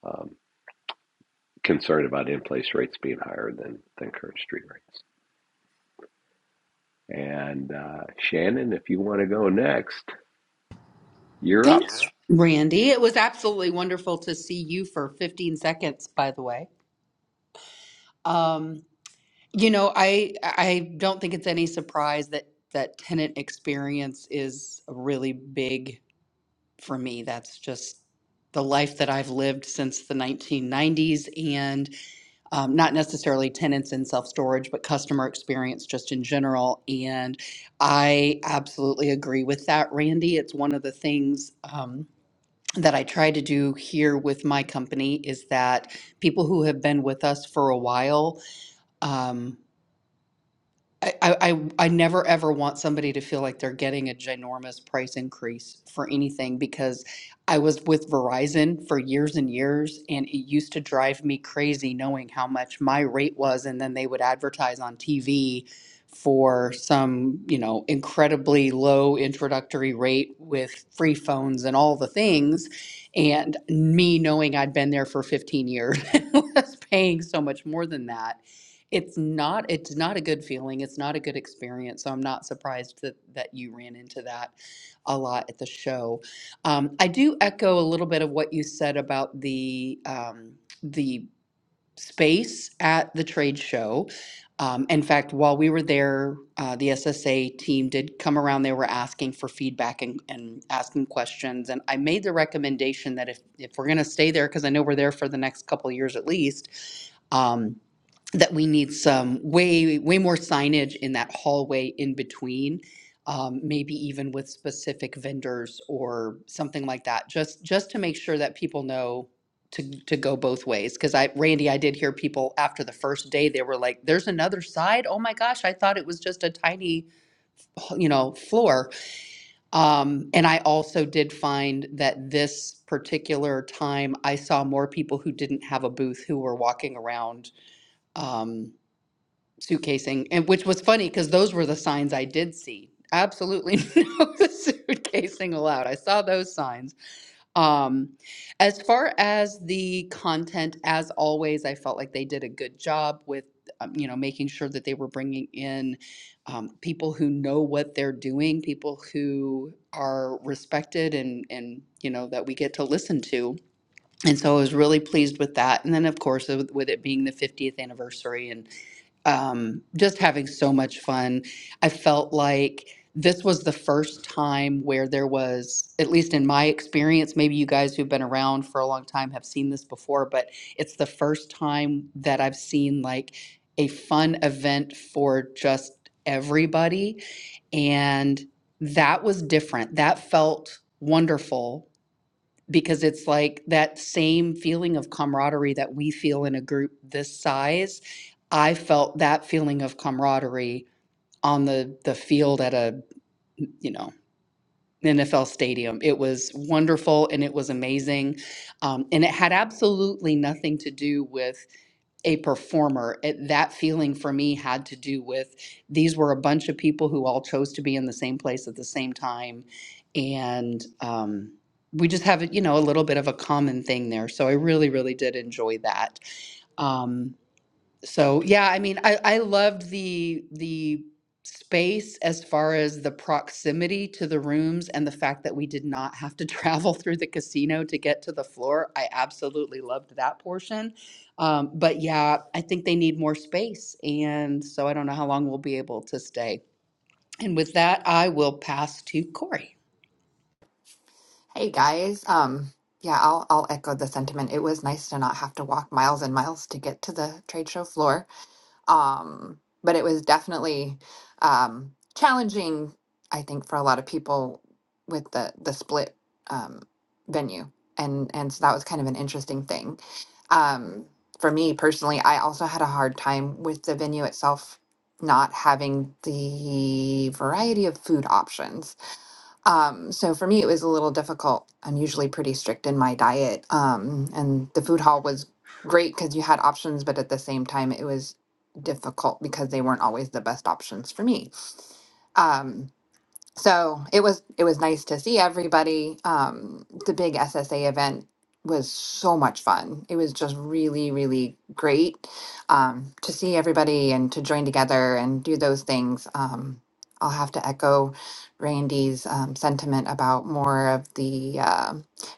Speaker 4: um, concerned about in-place rates being higher than, than current street rates. And uh, Shannon, if you want to go next, you're up.
Speaker 2: Thanks, Randy. It was absolutely wonderful to see you for 15 seconds, by the way. Um, you know, I I don't think it's any surprise that that tenant experience is a really big for me. That's just the life that I've lived since the 1990s, and um, not necessarily tenants in self storage, but customer experience just in general. And I absolutely agree with that, Randy. It's one of the things. Um, that I try to do here with my company is that people who have been with us for a while um, I, I, I I never ever want somebody to feel like they're getting a ginormous price increase for anything because I was with Verizon for years and years, and it used to drive me crazy knowing how much my rate was, and then they would advertise on TV for some, you know, incredibly low introductory rate with free phones and all the things. And me knowing I'd been there for 15 years, and was paying so much more than that it's not it's not a good feeling. It's not a good experience. So I'm not surprised that that you ran into that a lot at the show. Um, I do echo a little bit of what you said about the um, the space at the trade show. Um, in fact, while we were there, uh, the SSA team did come around. They were asking for feedback and, and asking questions. And I made the recommendation that if, if we're going to stay there, because I know we're there for the next couple of years at least, um, that we need some way, way more signage in that hallway in between. Um, maybe even with specific vendors or something like that, just, just to make sure that people know to, to go both ways. Cause I, Randy, I did hear people after the first day, they were like, there's another side. Oh my gosh, I thought it was just a tiny, you know, floor. Um, and I also did find that this particular time, I saw more people who didn't have a booth who were walking around um, suitcasing, and which was funny because those were the signs I did see. Absolutely no suitcasing allowed. I saw those signs. Um, as far as the content, as always, I felt like they did a good job with, um, you know, making sure that they were bringing in um, people who know what they're doing, people who are respected, and and you know that we get to listen to. And so I was really pleased with that. And then, of course, with with it being the 50th anniversary and um, just having so much fun. I felt like this was the first time where there was, at least in my experience, maybe you guys who've been around for a long time have seen this before, but it's the first time that I've seen like a fun event for just everybody. And that was different. That felt wonderful because it's like that same feeling of camaraderie that we feel in a group this size. I felt that feeling of camaraderie on the the field at a you know NFL stadium. It was wonderful and it was amazing, um, and it had absolutely nothing to do with a performer. It, that feeling for me had to do with these were a bunch of people who all chose to be in the same place at the same time. And um, we just have, you know, a little bit of a common thing there. So I really, really did enjoy that. Um, so yeah, I mean, I I loved the the space as far as the proximity to the rooms and the fact that we did not have to travel through the casino to get to the floor. I absolutely loved that portion. Um, but yeah, I think they need more space, and so I don't know how long we'll be able to stay. And with that, I will pass to Corey.
Speaker 5: Hey guys, um, yeah, I'll I'll echo the sentiment. It was nice to not have to walk miles and miles to get to the trade show floor. Um, but it was definitely um, challenging, I think, for a lot of people with the the split um, venue, and and so that was kind of an interesting thing. Um, for me personally, I also had a hard time with the venue itself not having the variety of food options um, so for me, it was a little difficult. I'm usually pretty strict in my diet. Um, and the food hall was great because you had options, but at the same time, it was difficult because they weren't always the best options for me. Um, so it was it was nice to see everybody. Um, the big SSA event was so much fun. It was just really really great um, to see everybody and to join together and do those things. Um, I'll have to echo Randy's um, sentiment about more of the uh,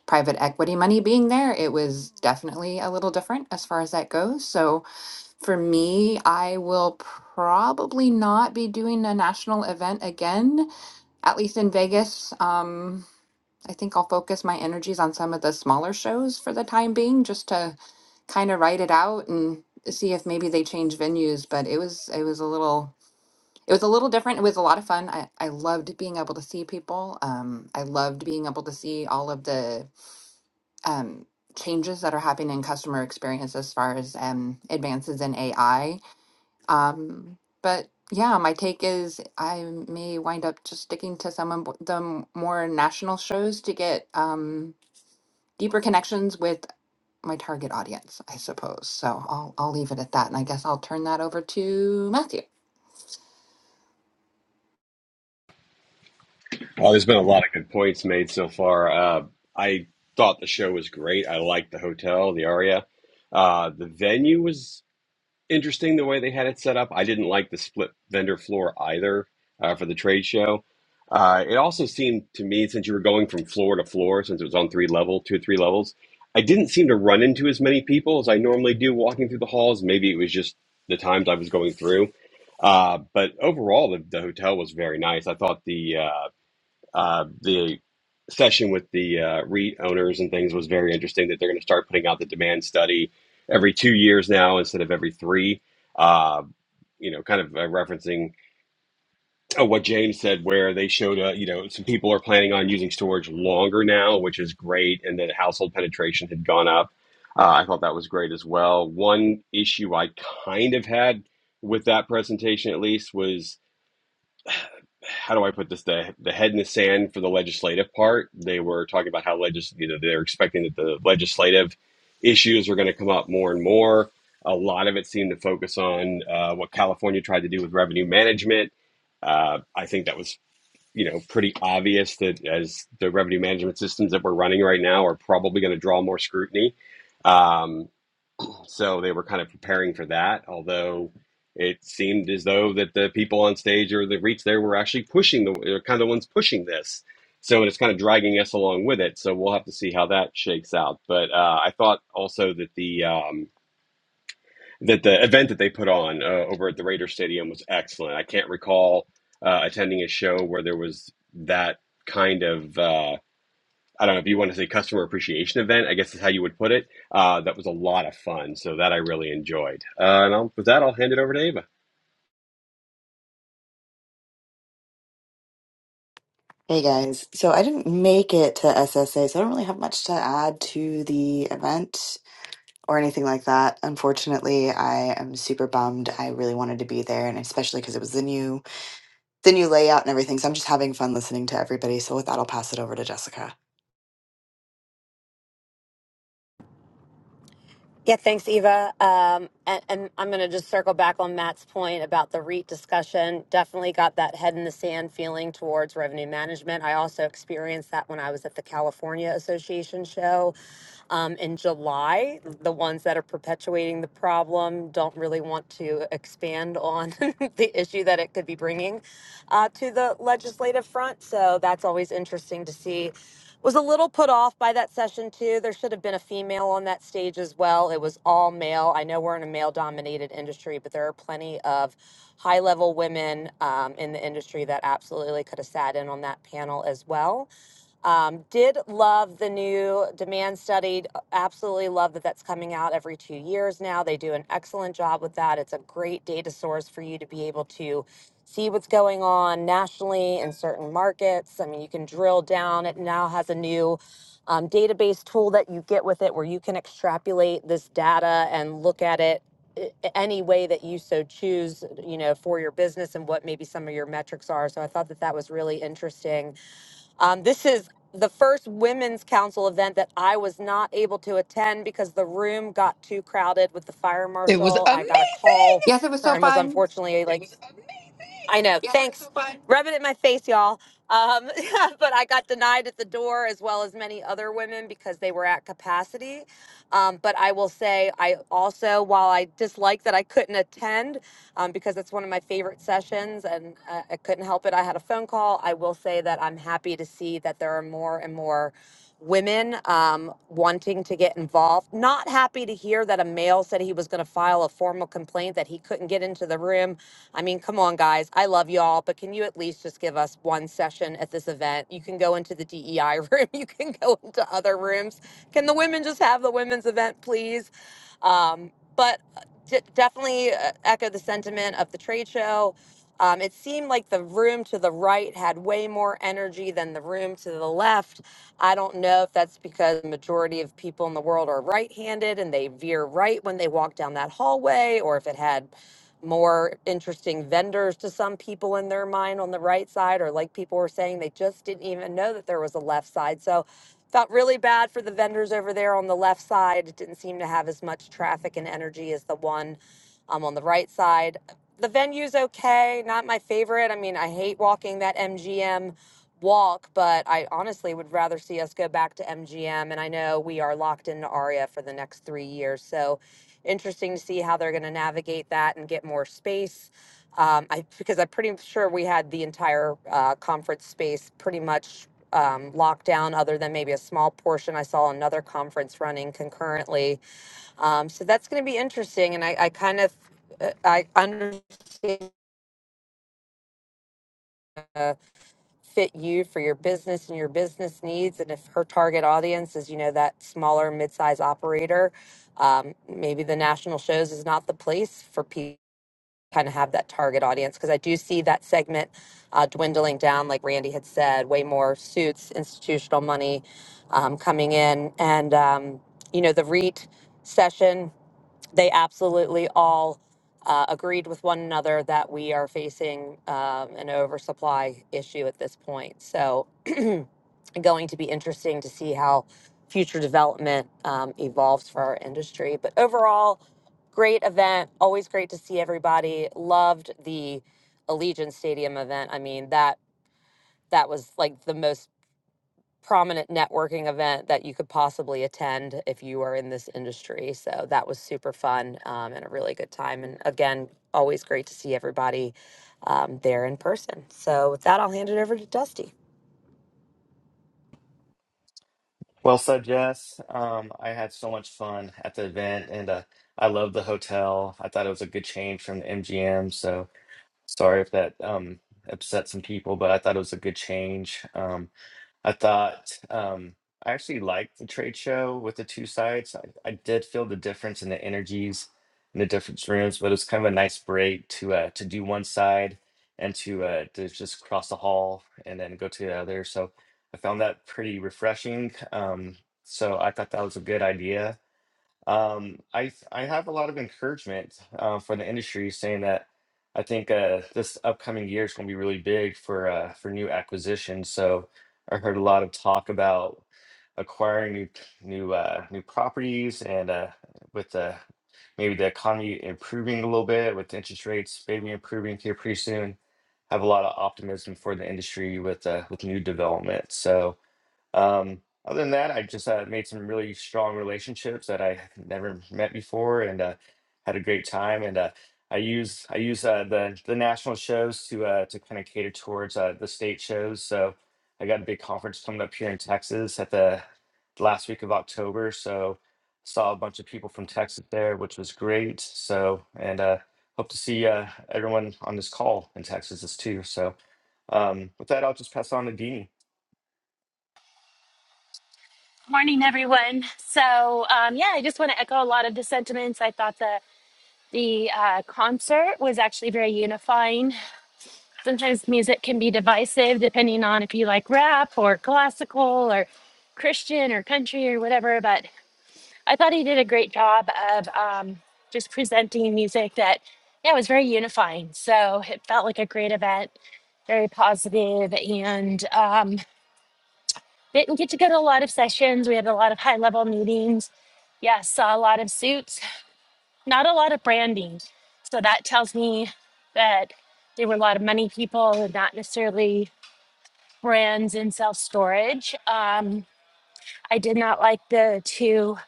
Speaker 5: private equity money being there. It was definitely a little different as far as that goes. So for me, I will probably not be doing a national event again at least in Vegas. Um, I think I'll focus my energies on some of the smaller shows for the time being, just to kind of write it out and see if maybe they change venues. But it was it was a little it was a little different. It was a lot of fun. I, I loved being able to see people. Um, I loved being able to see all of the um, changes that are happening in customer experience as far as um, advances in AI um, but yeah, my take is I may wind up just sticking to some of the m- more national shows to get um, deeper connections with my target audience, I suppose. So I'll I'll leave it at that, and I guess I'll turn that over to Matthew.
Speaker 9: Oh, there's been a lot of good points made so far. Uh, I thought the show was great. I liked the hotel, the Aria. Uh, the venue was interesting the way they had it set up. I didn't like the split vendor floor either uh, for the trade show. Uh, it also seemed to me, since you were going from floor to floor, since it was on three level, two or three levels, I didn't seem to run into as many people as I normally do walking through the halls. Maybe it was just the times I was going through. Uh, but overall, the, the hotel was very nice. I thought the uh, uh, the session with the uh, REIT owners and things was very interesting that they're going to start putting out the demand study every two years now instead of every three. Uh, you know, kind of uh, referencing uh, what James said, where they showed, uh, you know, some people are planning on using storage longer now, which is great, and that household penetration had gone up. Uh, I thought that was great as well. One issue I kind of had with that presentation, at least, was how do I put this? The the head in the sand for the legislative part. They were talking about how legis you know they're expecting that the legislative issues are going to come up more and more. A lot of it seemed to focus on uh, what California tried to do with revenue management. Uh, I think that was you know pretty obvious that as the revenue management systems that we're running right now are probably going to draw more scrutiny. Um, so they were kind of preparing for that, although it seemed as though that the people on stage or the REITs there were actually pushing the are kind of the ones pushing this. So it's kind of dragging us along with it. So we'll have to see how that shakes out. But uh, I thought also that the um, that the event that they put on uh, over at the Raider Stadium was excellent. I can't recall uh, attending a show where there was that kind of. uh, I don't know if you want to say customer appreciation event, I guess is how you would put it. Uh, that was a lot of fun. So that I really enjoyed. Uh, and I'll, with that, I'll hand it over to Ava.
Speaker 6: Hey guys, so I didn't make it to SSA, so I don't really have much to add to the event. or anything like that. Unfortunately, I am super bummed. I really wanted to be there, and especially because it was the new the new layout and everything. So I'm just having fun listening to everybody. So with that, I'll pass it over to Jessica.
Speaker 7: Yeah, thanks, Eva. Um, and, and I'm going to just circle back on Matt's point about the REIT discussion. Definitely got that head in the sand feeling towards revenue management. I also experienced that when I was at the California Association show um, in July. The ones that are perpetuating the problem don't really want to expand on the issue that it could be bringing uh, to the legislative front. So that's always interesting to see was a little put off by that session too. There should have been a female on that stage as well. It was all male. I know we're in a male dominated industry, but there are plenty of high level women um, in the industry that absolutely could have sat in on that panel as well. Um, did love the new demand study. Absolutely love that that's coming out every two years now. They do an excellent job with that. It's a great data source for you to be able to see what's going on nationally in certain markets. I mean, you can drill down. It now has a new um, database tool that you get with it where you can extrapolate this data and look at it i- any way that you so choose you know for your business and what maybe some of your metrics are so i thought that that was really interesting um, this is the first women's council event that I was not able to attend because the room got too crowded with the fire
Speaker 2: It was
Speaker 7: marshal.
Speaker 2: um
Speaker 7: I got a call
Speaker 5: Yes, it was so
Speaker 7: and
Speaker 2: sorry,
Speaker 7: was
Speaker 5: fun.
Speaker 7: unfortunately It like was amazing. I know. Yeah, thanks. so fun. Rub it in my face, y'all. Um, but I got denied at the door as well as many other women because they were at capacity. Um, but I will say, I also, while I dislike that I couldn't attend um, because it's one of my favorite sessions, and uh, I couldn't help it. I had a phone call. I will say that I'm happy to see that there are more and more women um, wanting to get involved. Not happy to hear that a male said he was going to file a formal complaint that he couldn't get into the room. I mean, come on, guys. I love y'all, but can you at least just give us one session at this event? You can go into the DEI room, you can go into other rooms. Can the women just have the women's event, please? Um, but d- definitely uh, echo the sentiment of the trade show. Um, it seemed like the room to the right had way more energy than the room to the left. I don't know if that's because the majority of people in the world are right handed and they veer right when they walk down that hallway, or if it had more interesting vendors to some people in their mind on the right side, or like people were saying, they just didn't even know that there was a left side. So felt really bad for the vendors over there on the left side. It didn't seem to have as much traffic and energy as the one um, on the right side. The venue's okay, not my favorite. I mean, I hate walking that MGM walk, but I honestly would rather see us go back to MGM. And I know we are locked into ARIA for the next three years. So interesting to see how they're going to navigate that and get more space. Um, I because I'm pretty sure we had the entire uh, conference space pretty much um, locked down, other than maybe a small portion. I saw another conference running concurrently, um, so that's going to be interesting. And I, I kind of uh, I understand. Uh, fit you for your business and your business needs. And if her target audience is, you know, that smaller mid-size operator, um, maybe the national shows is not the place for people kind of have that target audience because I do see that segment uh, dwindling down, like Randy had said, way more suits, institutional money um, coming in. And, um, you know, the REIT session, they absolutely all uh, agreed with one another that we are facing um, an oversupply issue at this point. So, going to be interesting to see how future development um, evolves for our industry. But overall, great event. Always great to see everybody. Loved the Allegiant Stadium event. I mean that that was like the most prominent networking event that you could possibly attend if you are in this industry. So that was super fun um, and a really good time. And again, always great to see everybody um, there in person. So with that, I'll hand it over to Dusty.
Speaker 10: Well said, Jess. Um, I had so much fun at the event, and uh, I loved the hotel. I thought it was a good change from the MGM. So sorry if that um, upset some people, but I thought it was a good change. Um, I thought um, I actually liked the trade show with the two sides. I, I did feel the difference in the energies in the different rooms, but it was kind of a nice break to uh, to do one side and to uh, to just cross the hall and then go to the other. So I found that pretty refreshing. Um, so I thought that was a good idea um, I s- I have a lot of encouragement uh, for the industry, saying that I think uh, this upcoming year is going to be really big for uh, for new acquisitions. So I heard a lot of talk about acquiring new new uh, new properties, and uh, with the maybe the economy improving a little bit, with interest rates maybe improving here pretty soon. Have a lot of optimism for the industry with uh, with new development. So um, other than that, I just uh, made some really strong relationships that I had never met before, and uh, had a great time. And uh, I use I use uh, the the national shows to uh, to kind of cater towards uh, the state shows. So I got a big conference coming up here in Texas at the last week of October. So saw a bunch of people from Texas there, which was great. So and uh, hope to see uh, everyone on this call in Texas too. So um, with that, I'll just pass on to Deanie.
Speaker 8: Morning, everyone. So, um, yeah, I just want to echo a lot of the sentiments. I thought the the uh, concert was actually very unifying. Sometimes music can be divisive depending on if you like rap or classical or Christian or country or whatever. But I thought he did a great job of um, just presenting music that, yeah, was very unifying. So it felt like a great event, very positive, and um, didn't get to go to a lot of sessions. We had a lot of high level meetings. Yeah, saw a lot of suits, not a lot of branding. So that tells me that there were a lot of money people and not necessarily brands in self storage. Um, I did not like the two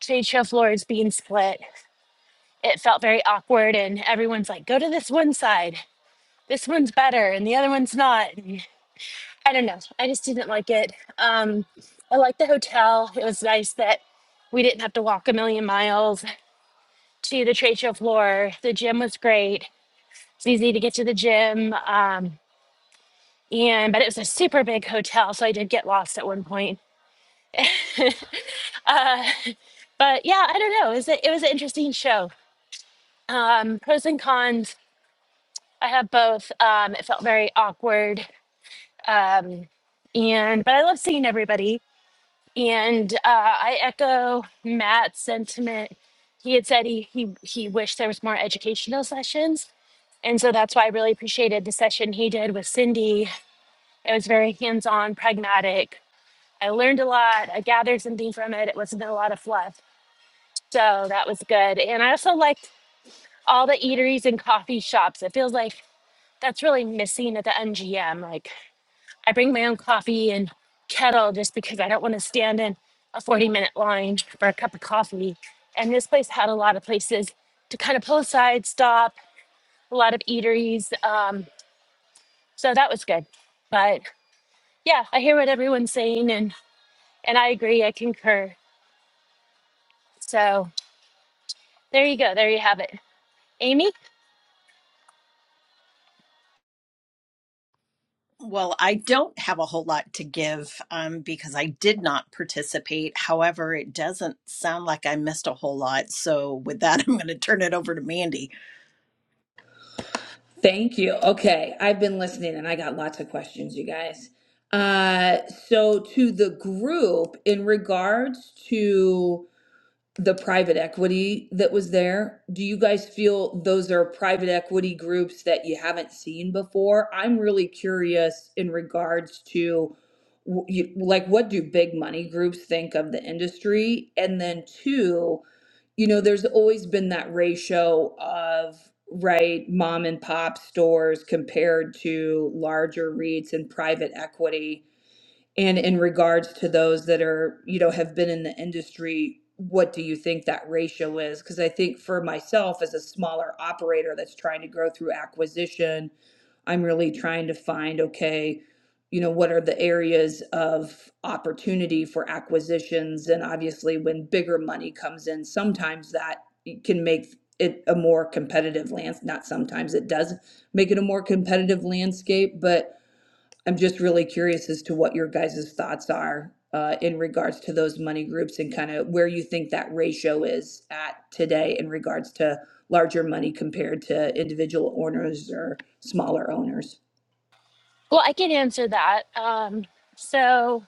Speaker 8: trade show floors being split. it felt very awkward and everyone's like go to this one side this one's better and the other one's not and i don't know i just didn't like it um i liked the hotel it was nice that we didn't have to walk a million miles to the trade show floor the gym was great it's easy to get to the gym um and but it was a super big hotel so i did get lost at one point uh, but yeah i don't know it was, a, it was an interesting show um pros and cons I have both. Um, it felt very awkward. Um, and but I love seeing everybody. And uh, I echo Matt's sentiment. He had said he, he he wished there was more educational sessions. And so that's why I really appreciated the session he did with Cindy. It was very hands-on, pragmatic. I learned a lot. I gathered something from it. It wasn't a lot of fluff. So that was good. And I also liked all the eateries and coffee shops. It feels like that's really missing at the NGM. Like I bring my own coffee and kettle just because I don't want to stand in a 40 minute line for a cup of coffee. And this place had a lot of places to kind of pull aside, stop, a lot of eateries. Um, so that was good. But yeah, I hear what everyone's saying and, and I agree, I concur. So there you go, there you have it. Amy?
Speaker 11: Well, I don't have a whole lot to give um, because I did not participate. However, it doesn't sound like I missed a whole lot. So, with that, I'm going to turn it over to Mandy.
Speaker 12: Thank you. Okay, I've been listening and I got lots of questions, you guys. Uh, so to the group in regards to the private equity that was there. Do you guys feel those are private equity groups that you haven't seen before? I'm really curious in regards to w- you, like what do big money groups think of the industry? And then two, you know, there's always been that ratio of right mom and pop stores compared to larger REITs and private equity and in regards to those that are, you know, have been in the industry, what do you think that ratio is? Because I think for myself as a smaller operator that's trying to grow through acquisition, I'm really trying to find, okay, you know, what are the areas of opportunity for acquisitions? And obviously, when bigger money comes in, sometimes that can make it a more competitive lands. Not sometimes it does make it a more competitive landscape, but I'm just really curious as to what your guys' thoughts are uh, in regards to those money groups and kind of where you think that ratio is at today in regards to larger money compared to individual owners or smaller owners.
Speaker 8: Well, I can answer that. Um, so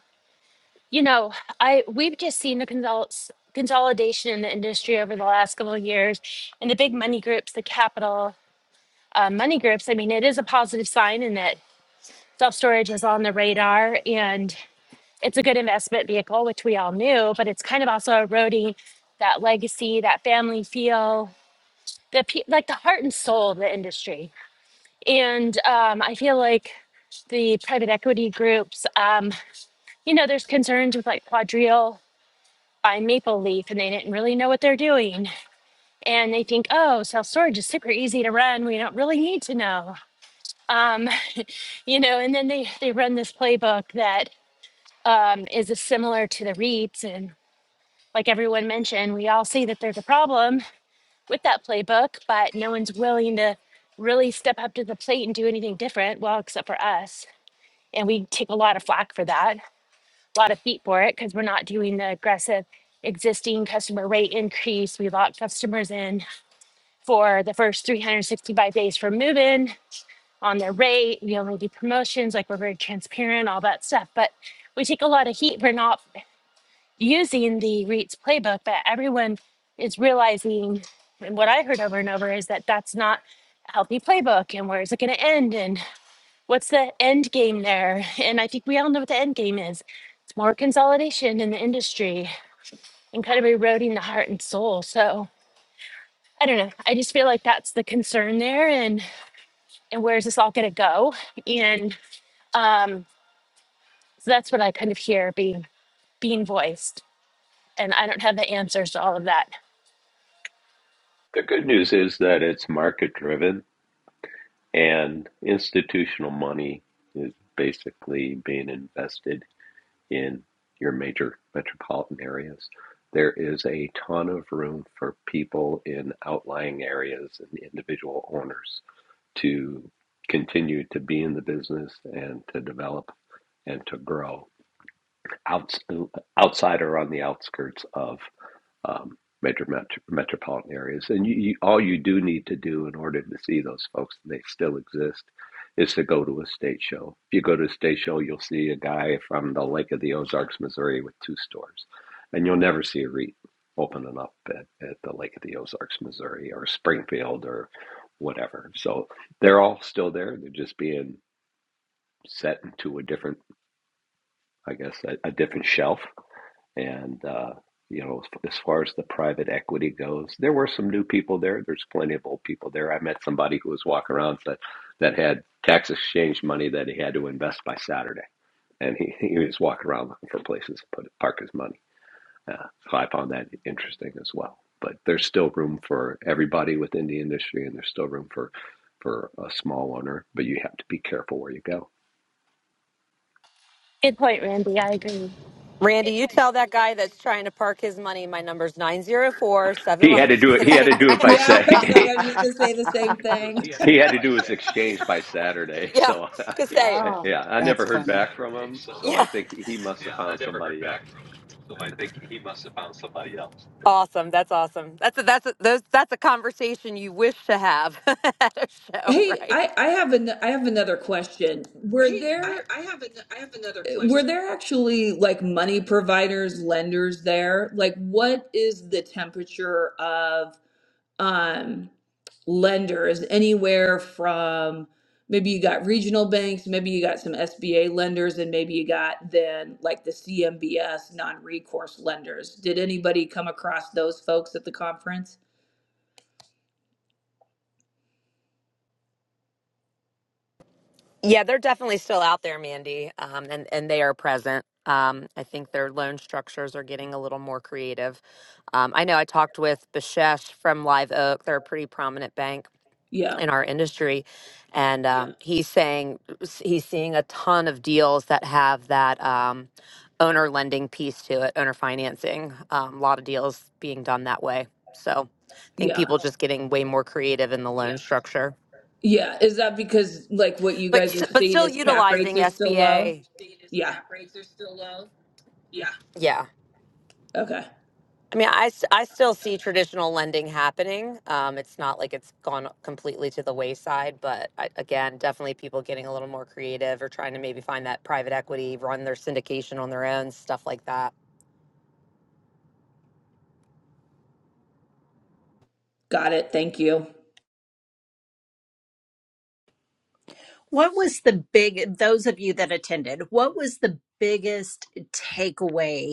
Speaker 8: You know, I we've just seen the consol- consolidation in the industry over the last couple of years, and the big money groups, the capital uh, money groups. I mean, it is a positive sign in that self storage is on the radar, and it's a good investment vehicle, which we all knew. But it's kind of also eroding that legacy, that family feel, the pe- like the heart and soul of the industry. And um, I feel like the private equity groups, um, you know, there's concerns with like Quadrille by Maple Leaf and they didn't really know what they're doing. And they think, oh, self storage is super easy to run. We don't really need to know. Um, you know, and then they, they run this playbook that um, is similar to the REITs. And like everyone mentioned, we all see that there's a problem with that playbook, but no one's willing to really step up to the plate and do anything different. Well, except for us. And we take a lot of flack for that. a lot of feet for it because we're not doing the aggressive existing customer rate increase. We lock customers in for the first 365 days for moving on their rate. We only do promotions, like we're very transparent, all that stuff. But we take a lot of heat for not using the REITs playbook, but everyone is realizing, and what I heard over and over is that that's not a healthy playbook and where is it going to end? And what's the end game there? And I think we all know what the end game is. It's more consolidation in the industry and kind of eroding the heart and soul. So I don't know. I just feel like that's the concern there and and where's this all gonna go? And um so that's what I kind of hear being being voiced. And I don't have the answers to all of that.
Speaker 4: The good news is that it's market driven and institutional money is basically being invested in your major metropolitan areas. There is a ton of room for people in outlying areas and individual owners to continue to be in the business and to develop and to grow outs- outside or on the outskirts of um, major met- metropolitan areas. And you, you, all you do need to do in order to see those folks, and they still exist, is to go to a state show. If you go to a state show, you'll see a guy from the Lake of the Ozarks, Missouri, with two stores, and you'll never see a REIT opening up at, at the Lake of the Ozarks, Missouri, or Springfield, or whatever. So they're all still there. They're just being set into a different, I guess, a, a different shelf and uh, you know, as far as the private equity goes, there were some new people there. There's plenty of old people there. I met somebody who was walking around that that had tax exchange money that he had to invest by Saturday, and he, he was walking around looking for places to put park his money. Uh, so I found that interesting as well. But there's still room for everybody within the industry, and there's still room for for a small owner. But you have to be careful where you go.
Speaker 8: Good point, Randy. I agree.
Speaker 7: Randy, you tell that guy that's trying to park his money. My number's 904 7.
Speaker 4: He
Speaker 7: I'm
Speaker 4: had to
Speaker 7: just
Speaker 4: do it. He had
Speaker 7: kidding.
Speaker 4: to do it by
Speaker 12: Yeah, I was
Speaker 4: say.
Speaker 12: like, I was just gonna say the same thing.
Speaker 4: He had to do his exchange by Saturday,
Speaker 7: yeah,
Speaker 4: so
Speaker 7: just say.
Speaker 5: Oh,
Speaker 4: yeah, I
Speaker 2: that's
Speaker 4: never heard
Speaker 2: funny.
Speaker 4: back from him. So
Speaker 7: Yeah,
Speaker 4: I think he he must have found somebody else.
Speaker 7: awesome. That's awesome. That's a, that's a, those that's a conversation you wish to have at a show,
Speaker 12: Hey, I,
Speaker 7: right?
Speaker 12: I have an I have another question. Were there Were there actually like money providers, lenders there? Like, what is the temperature of um, lenders anywhere from maybe you got regional banks, maybe you got some SBA lenders, and maybe you got then like the CMBS non recourse lenders? Did anybody come across those folks at the conference?
Speaker 7: Yeah, they're definitely still out there, Mandy, um, and and they are present. Um, I think their loan structures are getting a little more creative. Um, I know I talked with Bishesh from Live Oak. They're a pretty prominent bank
Speaker 12: Yeah,
Speaker 7: in our industry and um, Yeah. he's saying he's seeing a ton of deals that have that um, owner lending piece to it owner financing um, a lot of deals being done that way so i think
Speaker 12: yeah.
Speaker 7: people just getting way more creative in the loan Yeah. structure
Speaker 12: Yeah, is that because like what you
Speaker 7: but
Speaker 12: guys
Speaker 7: s-
Speaker 12: are
Speaker 7: but
Speaker 12: seeing
Speaker 7: still
Speaker 12: as cap rates
Speaker 7: utilizing
Speaker 12: are still low?
Speaker 7: sba
Speaker 12: Yeah.
Speaker 7: yeah
Speaker 12: Okay.
Speaker 7: I mean, I, s- I still see traditional lending happening. Um, it's not like it's gone completely to the wayside, but I, again, definitely people getting a little more creative or trying to maybe find that private equity, run their syndication on their own, stuff like that.
Speaker 12: Got it. Thank you.
Speaker 11: What was the big, those of you that attended, what was the biggest takeaway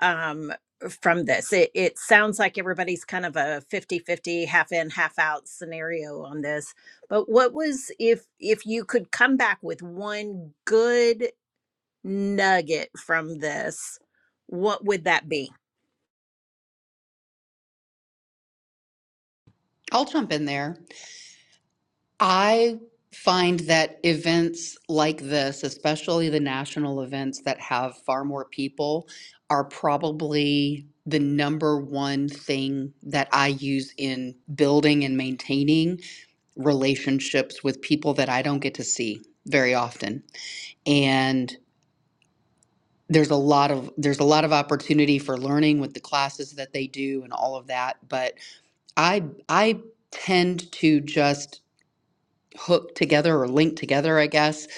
Speaker 11: um, from this. It, it sounds like everybody's kind of a fifty fifty half in, half out scenario on this. But what was if if you could come back with one good nugget from this, what would that be?
Speaker 2: I'll jump in there. I find that events like this, especially the national events that have far more people, are probably the number one thing that I use in building and maintaining relationships with people that I don't get to see very often. And there's a lot of there's a lot of opportunity for learning with the classes that they do and all of that, but I I tend to just hooked together or linked together, I guess,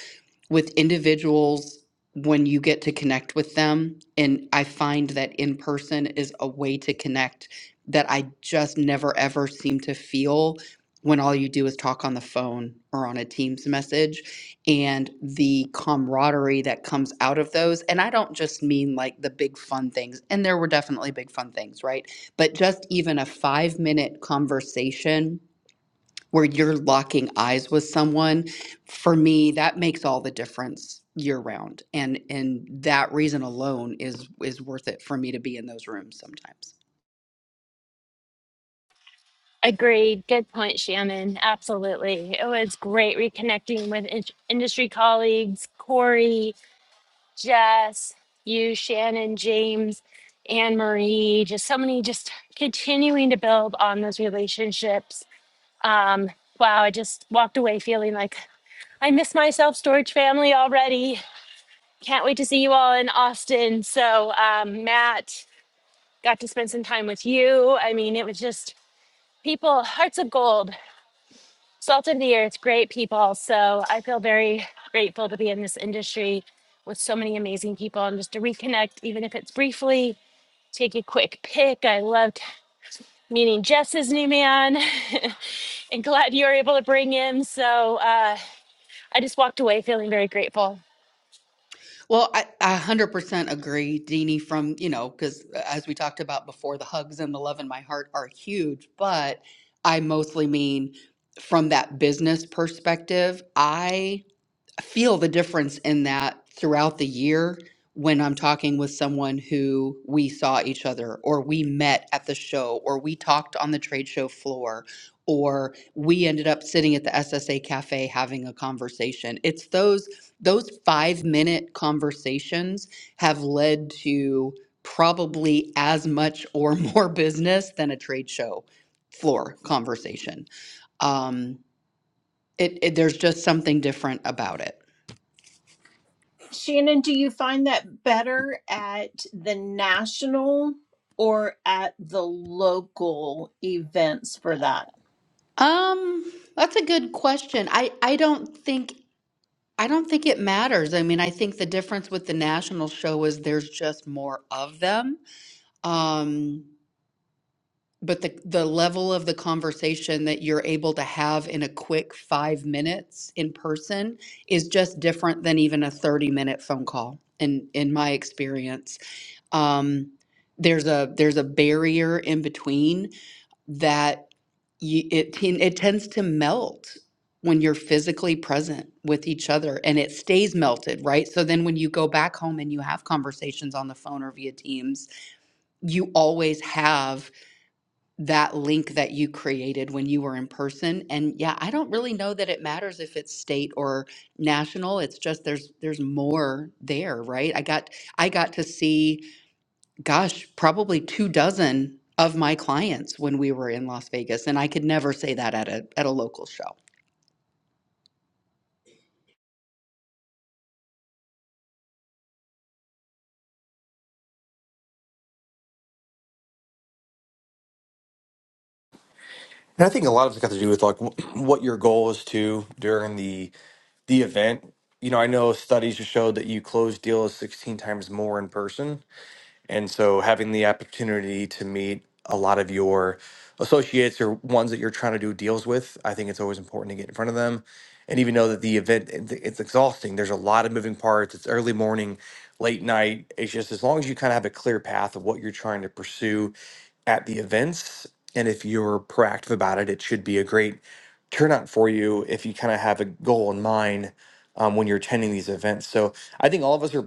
Speaker 2: with individuals when you get to connect with them. And I find that in person is a way to connect that I just never ever seem to feel when all you do is talk on the phone or on a Teams message and the camaraderie that comes out of those. And I don't just mean like the big fun things, and there were definitely big fun things, right? But just even a five minute conversation where you're locking eyes with someone for me that makes all the difference year round and and that reason alone is is worth it for me to be in those rooms sometimes
Speaker 8: Agreed. Good point, Shannon. Absolutely. It was great reconnecting with in- industry colleagues, Corey, Jess, you, Shannon, James, Anne Marie, just so many, just continuing to build on those relationships. Um, wow, I just walked away feeling like I miss my self storage family already. Can't wait to see you all in Austin. So, um, Matt, got to spend some time with you. I mean, it was just people, hearts of gold. Salt of the earth, great people. So I feel very grateful to be in this industry with so many amazing people and just to reconnect, even if it's briefly, take a quick pick. I loved meeting Jess's new man and glad you were able to bring him. So uh, I just walked away feeling very grateful.
Speaker 2: well i, I 100% agree deanie from you know because as we talked about before the hugs and the love in my heart are huge but i mostly mean from that business perspective I. feel the difference in that throughout the year when I'm talking with someone who we saw each other or we met at the show or we talked on the trade show floor or we ended up sitting at the SSA cafe having a conversation. It's those those 5-minute conversations have led to probably as much or more business than a trade show floor conversation. Um it, it there's just something different about it.
Speaker 11: Shannon, do you find that better at the national or at the local events for that?
Speaker 2: Um, that's a good question. I I don't think I don't think it matters. I mean, I think the difference with the national show is there's just more of them. Um, but the the level of the conversation that you're able to have in a quick five minutes in person is just different than even a 30 minute phone call in in my experience. Um, there's a there's a barrier in between that you, it ten- it tends to melt when you're physically present with each other and it stays melted, right? So then when you go back home and you have conversations on the phone or via Teams, you always have that link that you created when you were in person. And yeah, I don't really know that it matters if it's state or national. It's just there's there's more there, right? I got I got to see gosh, probably two dozen of my clients when we were in Las Vegas, and I could never say that at a at a local show.
Speaker 3: And I think a lot of it's got to do with like what your goal is to during the the event. You know, I know studies have showed that you close deals 16 times more in person And so having the opportunity to meet a lot of your associates or ones that you're trying to do deals with, I think it's always important to get in front of them. And even though that the event it- it's exhausting, there's a lot of moving parts. It's early morning, late night. It's just as long as you kind of have a clear path of what you're trying to pursue at the events, and if you're proactive about it, it should be a great turnout for you if you kind of have a goal in mind um, when you're attending these events. So I think all of us are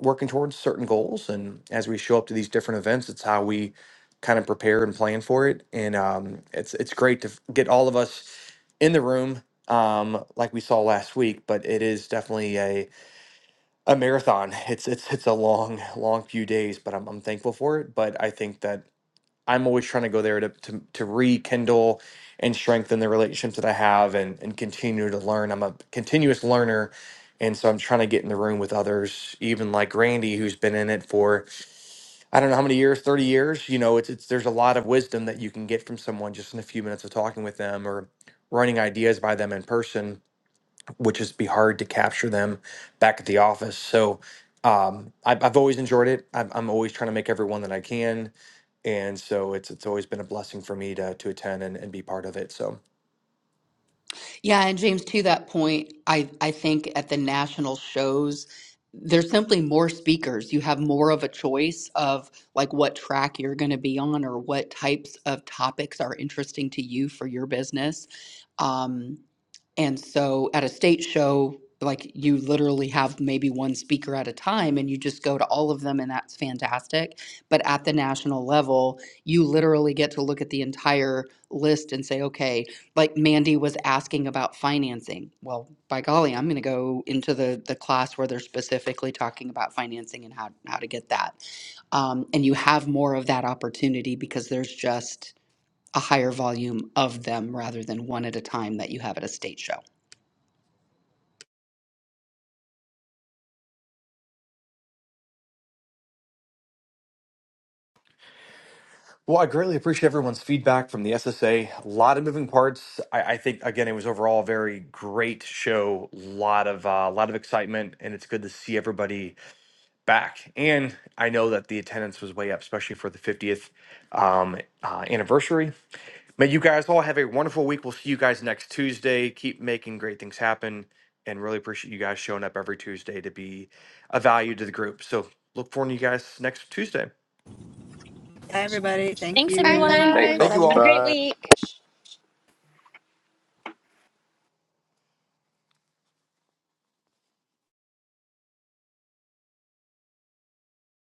Speaker 3: working towards certain goals. And as we show up to these different events, it's how we kind of prepare and plan for it. And um, it's it's great to f- get all of us in the room um, like we saw last week. But it is definitely a a marathon. It's it's it's a long long few days, but I'm I'm thankful for it. But I think that. I'm always trying to go there to, to, to rekindle and strengthen the relationships that I have and, and continue to learn. I'm a continuous learner. And so I'm trying to get in the room with others, even like Randy, who's been in it for, I don't know how many years, 30 years. You know, it's, it's, there's a lot of wisdom that you can get from someone just in a few minutes of talking with them or running ideas by them in person which is be hard to capture them back at the office. So um, I've, I've always enjoyed it. I'm, I'm always trying to make everyone that I can, and so it's it's always been a blessing for me to to attend and, and be part of it. So.
Speaker 2: Yeah, and James, to that point, I I think at the national shows, there's simply more speakers. You have more of a choice of like what track you're going to be on or what types of topics are interesting to you for your business. Um, And so at a state show, like you literally have maybe one speaker at a time and you just go to all of them and that's fantastic. But at the national level, you literally get to look at the entire list and say, okay, like Mandy was asking about financing. Well, by golly, I'm going to go into the, the class where they're specifically talking about financing and how, how to get that. Um, and you have more of that opportunity because there's just a higher volume of them rather than one at a time that you have at a state show.
Speaker 3: Well, I greatly appreciate everyone's feedback from the SSA. A A lot of moving parts. I, I think again, it was overall a very great show. A lot of a lot of excitement, and it's good to see everybody back. And I know that the attendance was way up, especially for the 50th um, uh, anniversary. May you guys all have a wonderful week. We'll see you guys next Tuesday. Keep making great things happen and really appreciate you guys showing up every Tuesday to be a value to the group. So look forward to you guys next Tuesday.
Speaker 6: Hi, everybody. Thank
Speaker 8: Thanks,
Speaker 2: Bye,
Speaker 6: you.
Speaker 8: everyone.
Speaker 5: bye
Speaker 4: Thanks
Speaker 3: Thank
Speaker 2: guys.
Speaker 4: all.
Speaker 3: you
Speaker 5: everybody.
Speaker 8: Have a
Speaker 3: all.
Speaker 8: great
Speaker 10: Bye.
Speaker 8: week.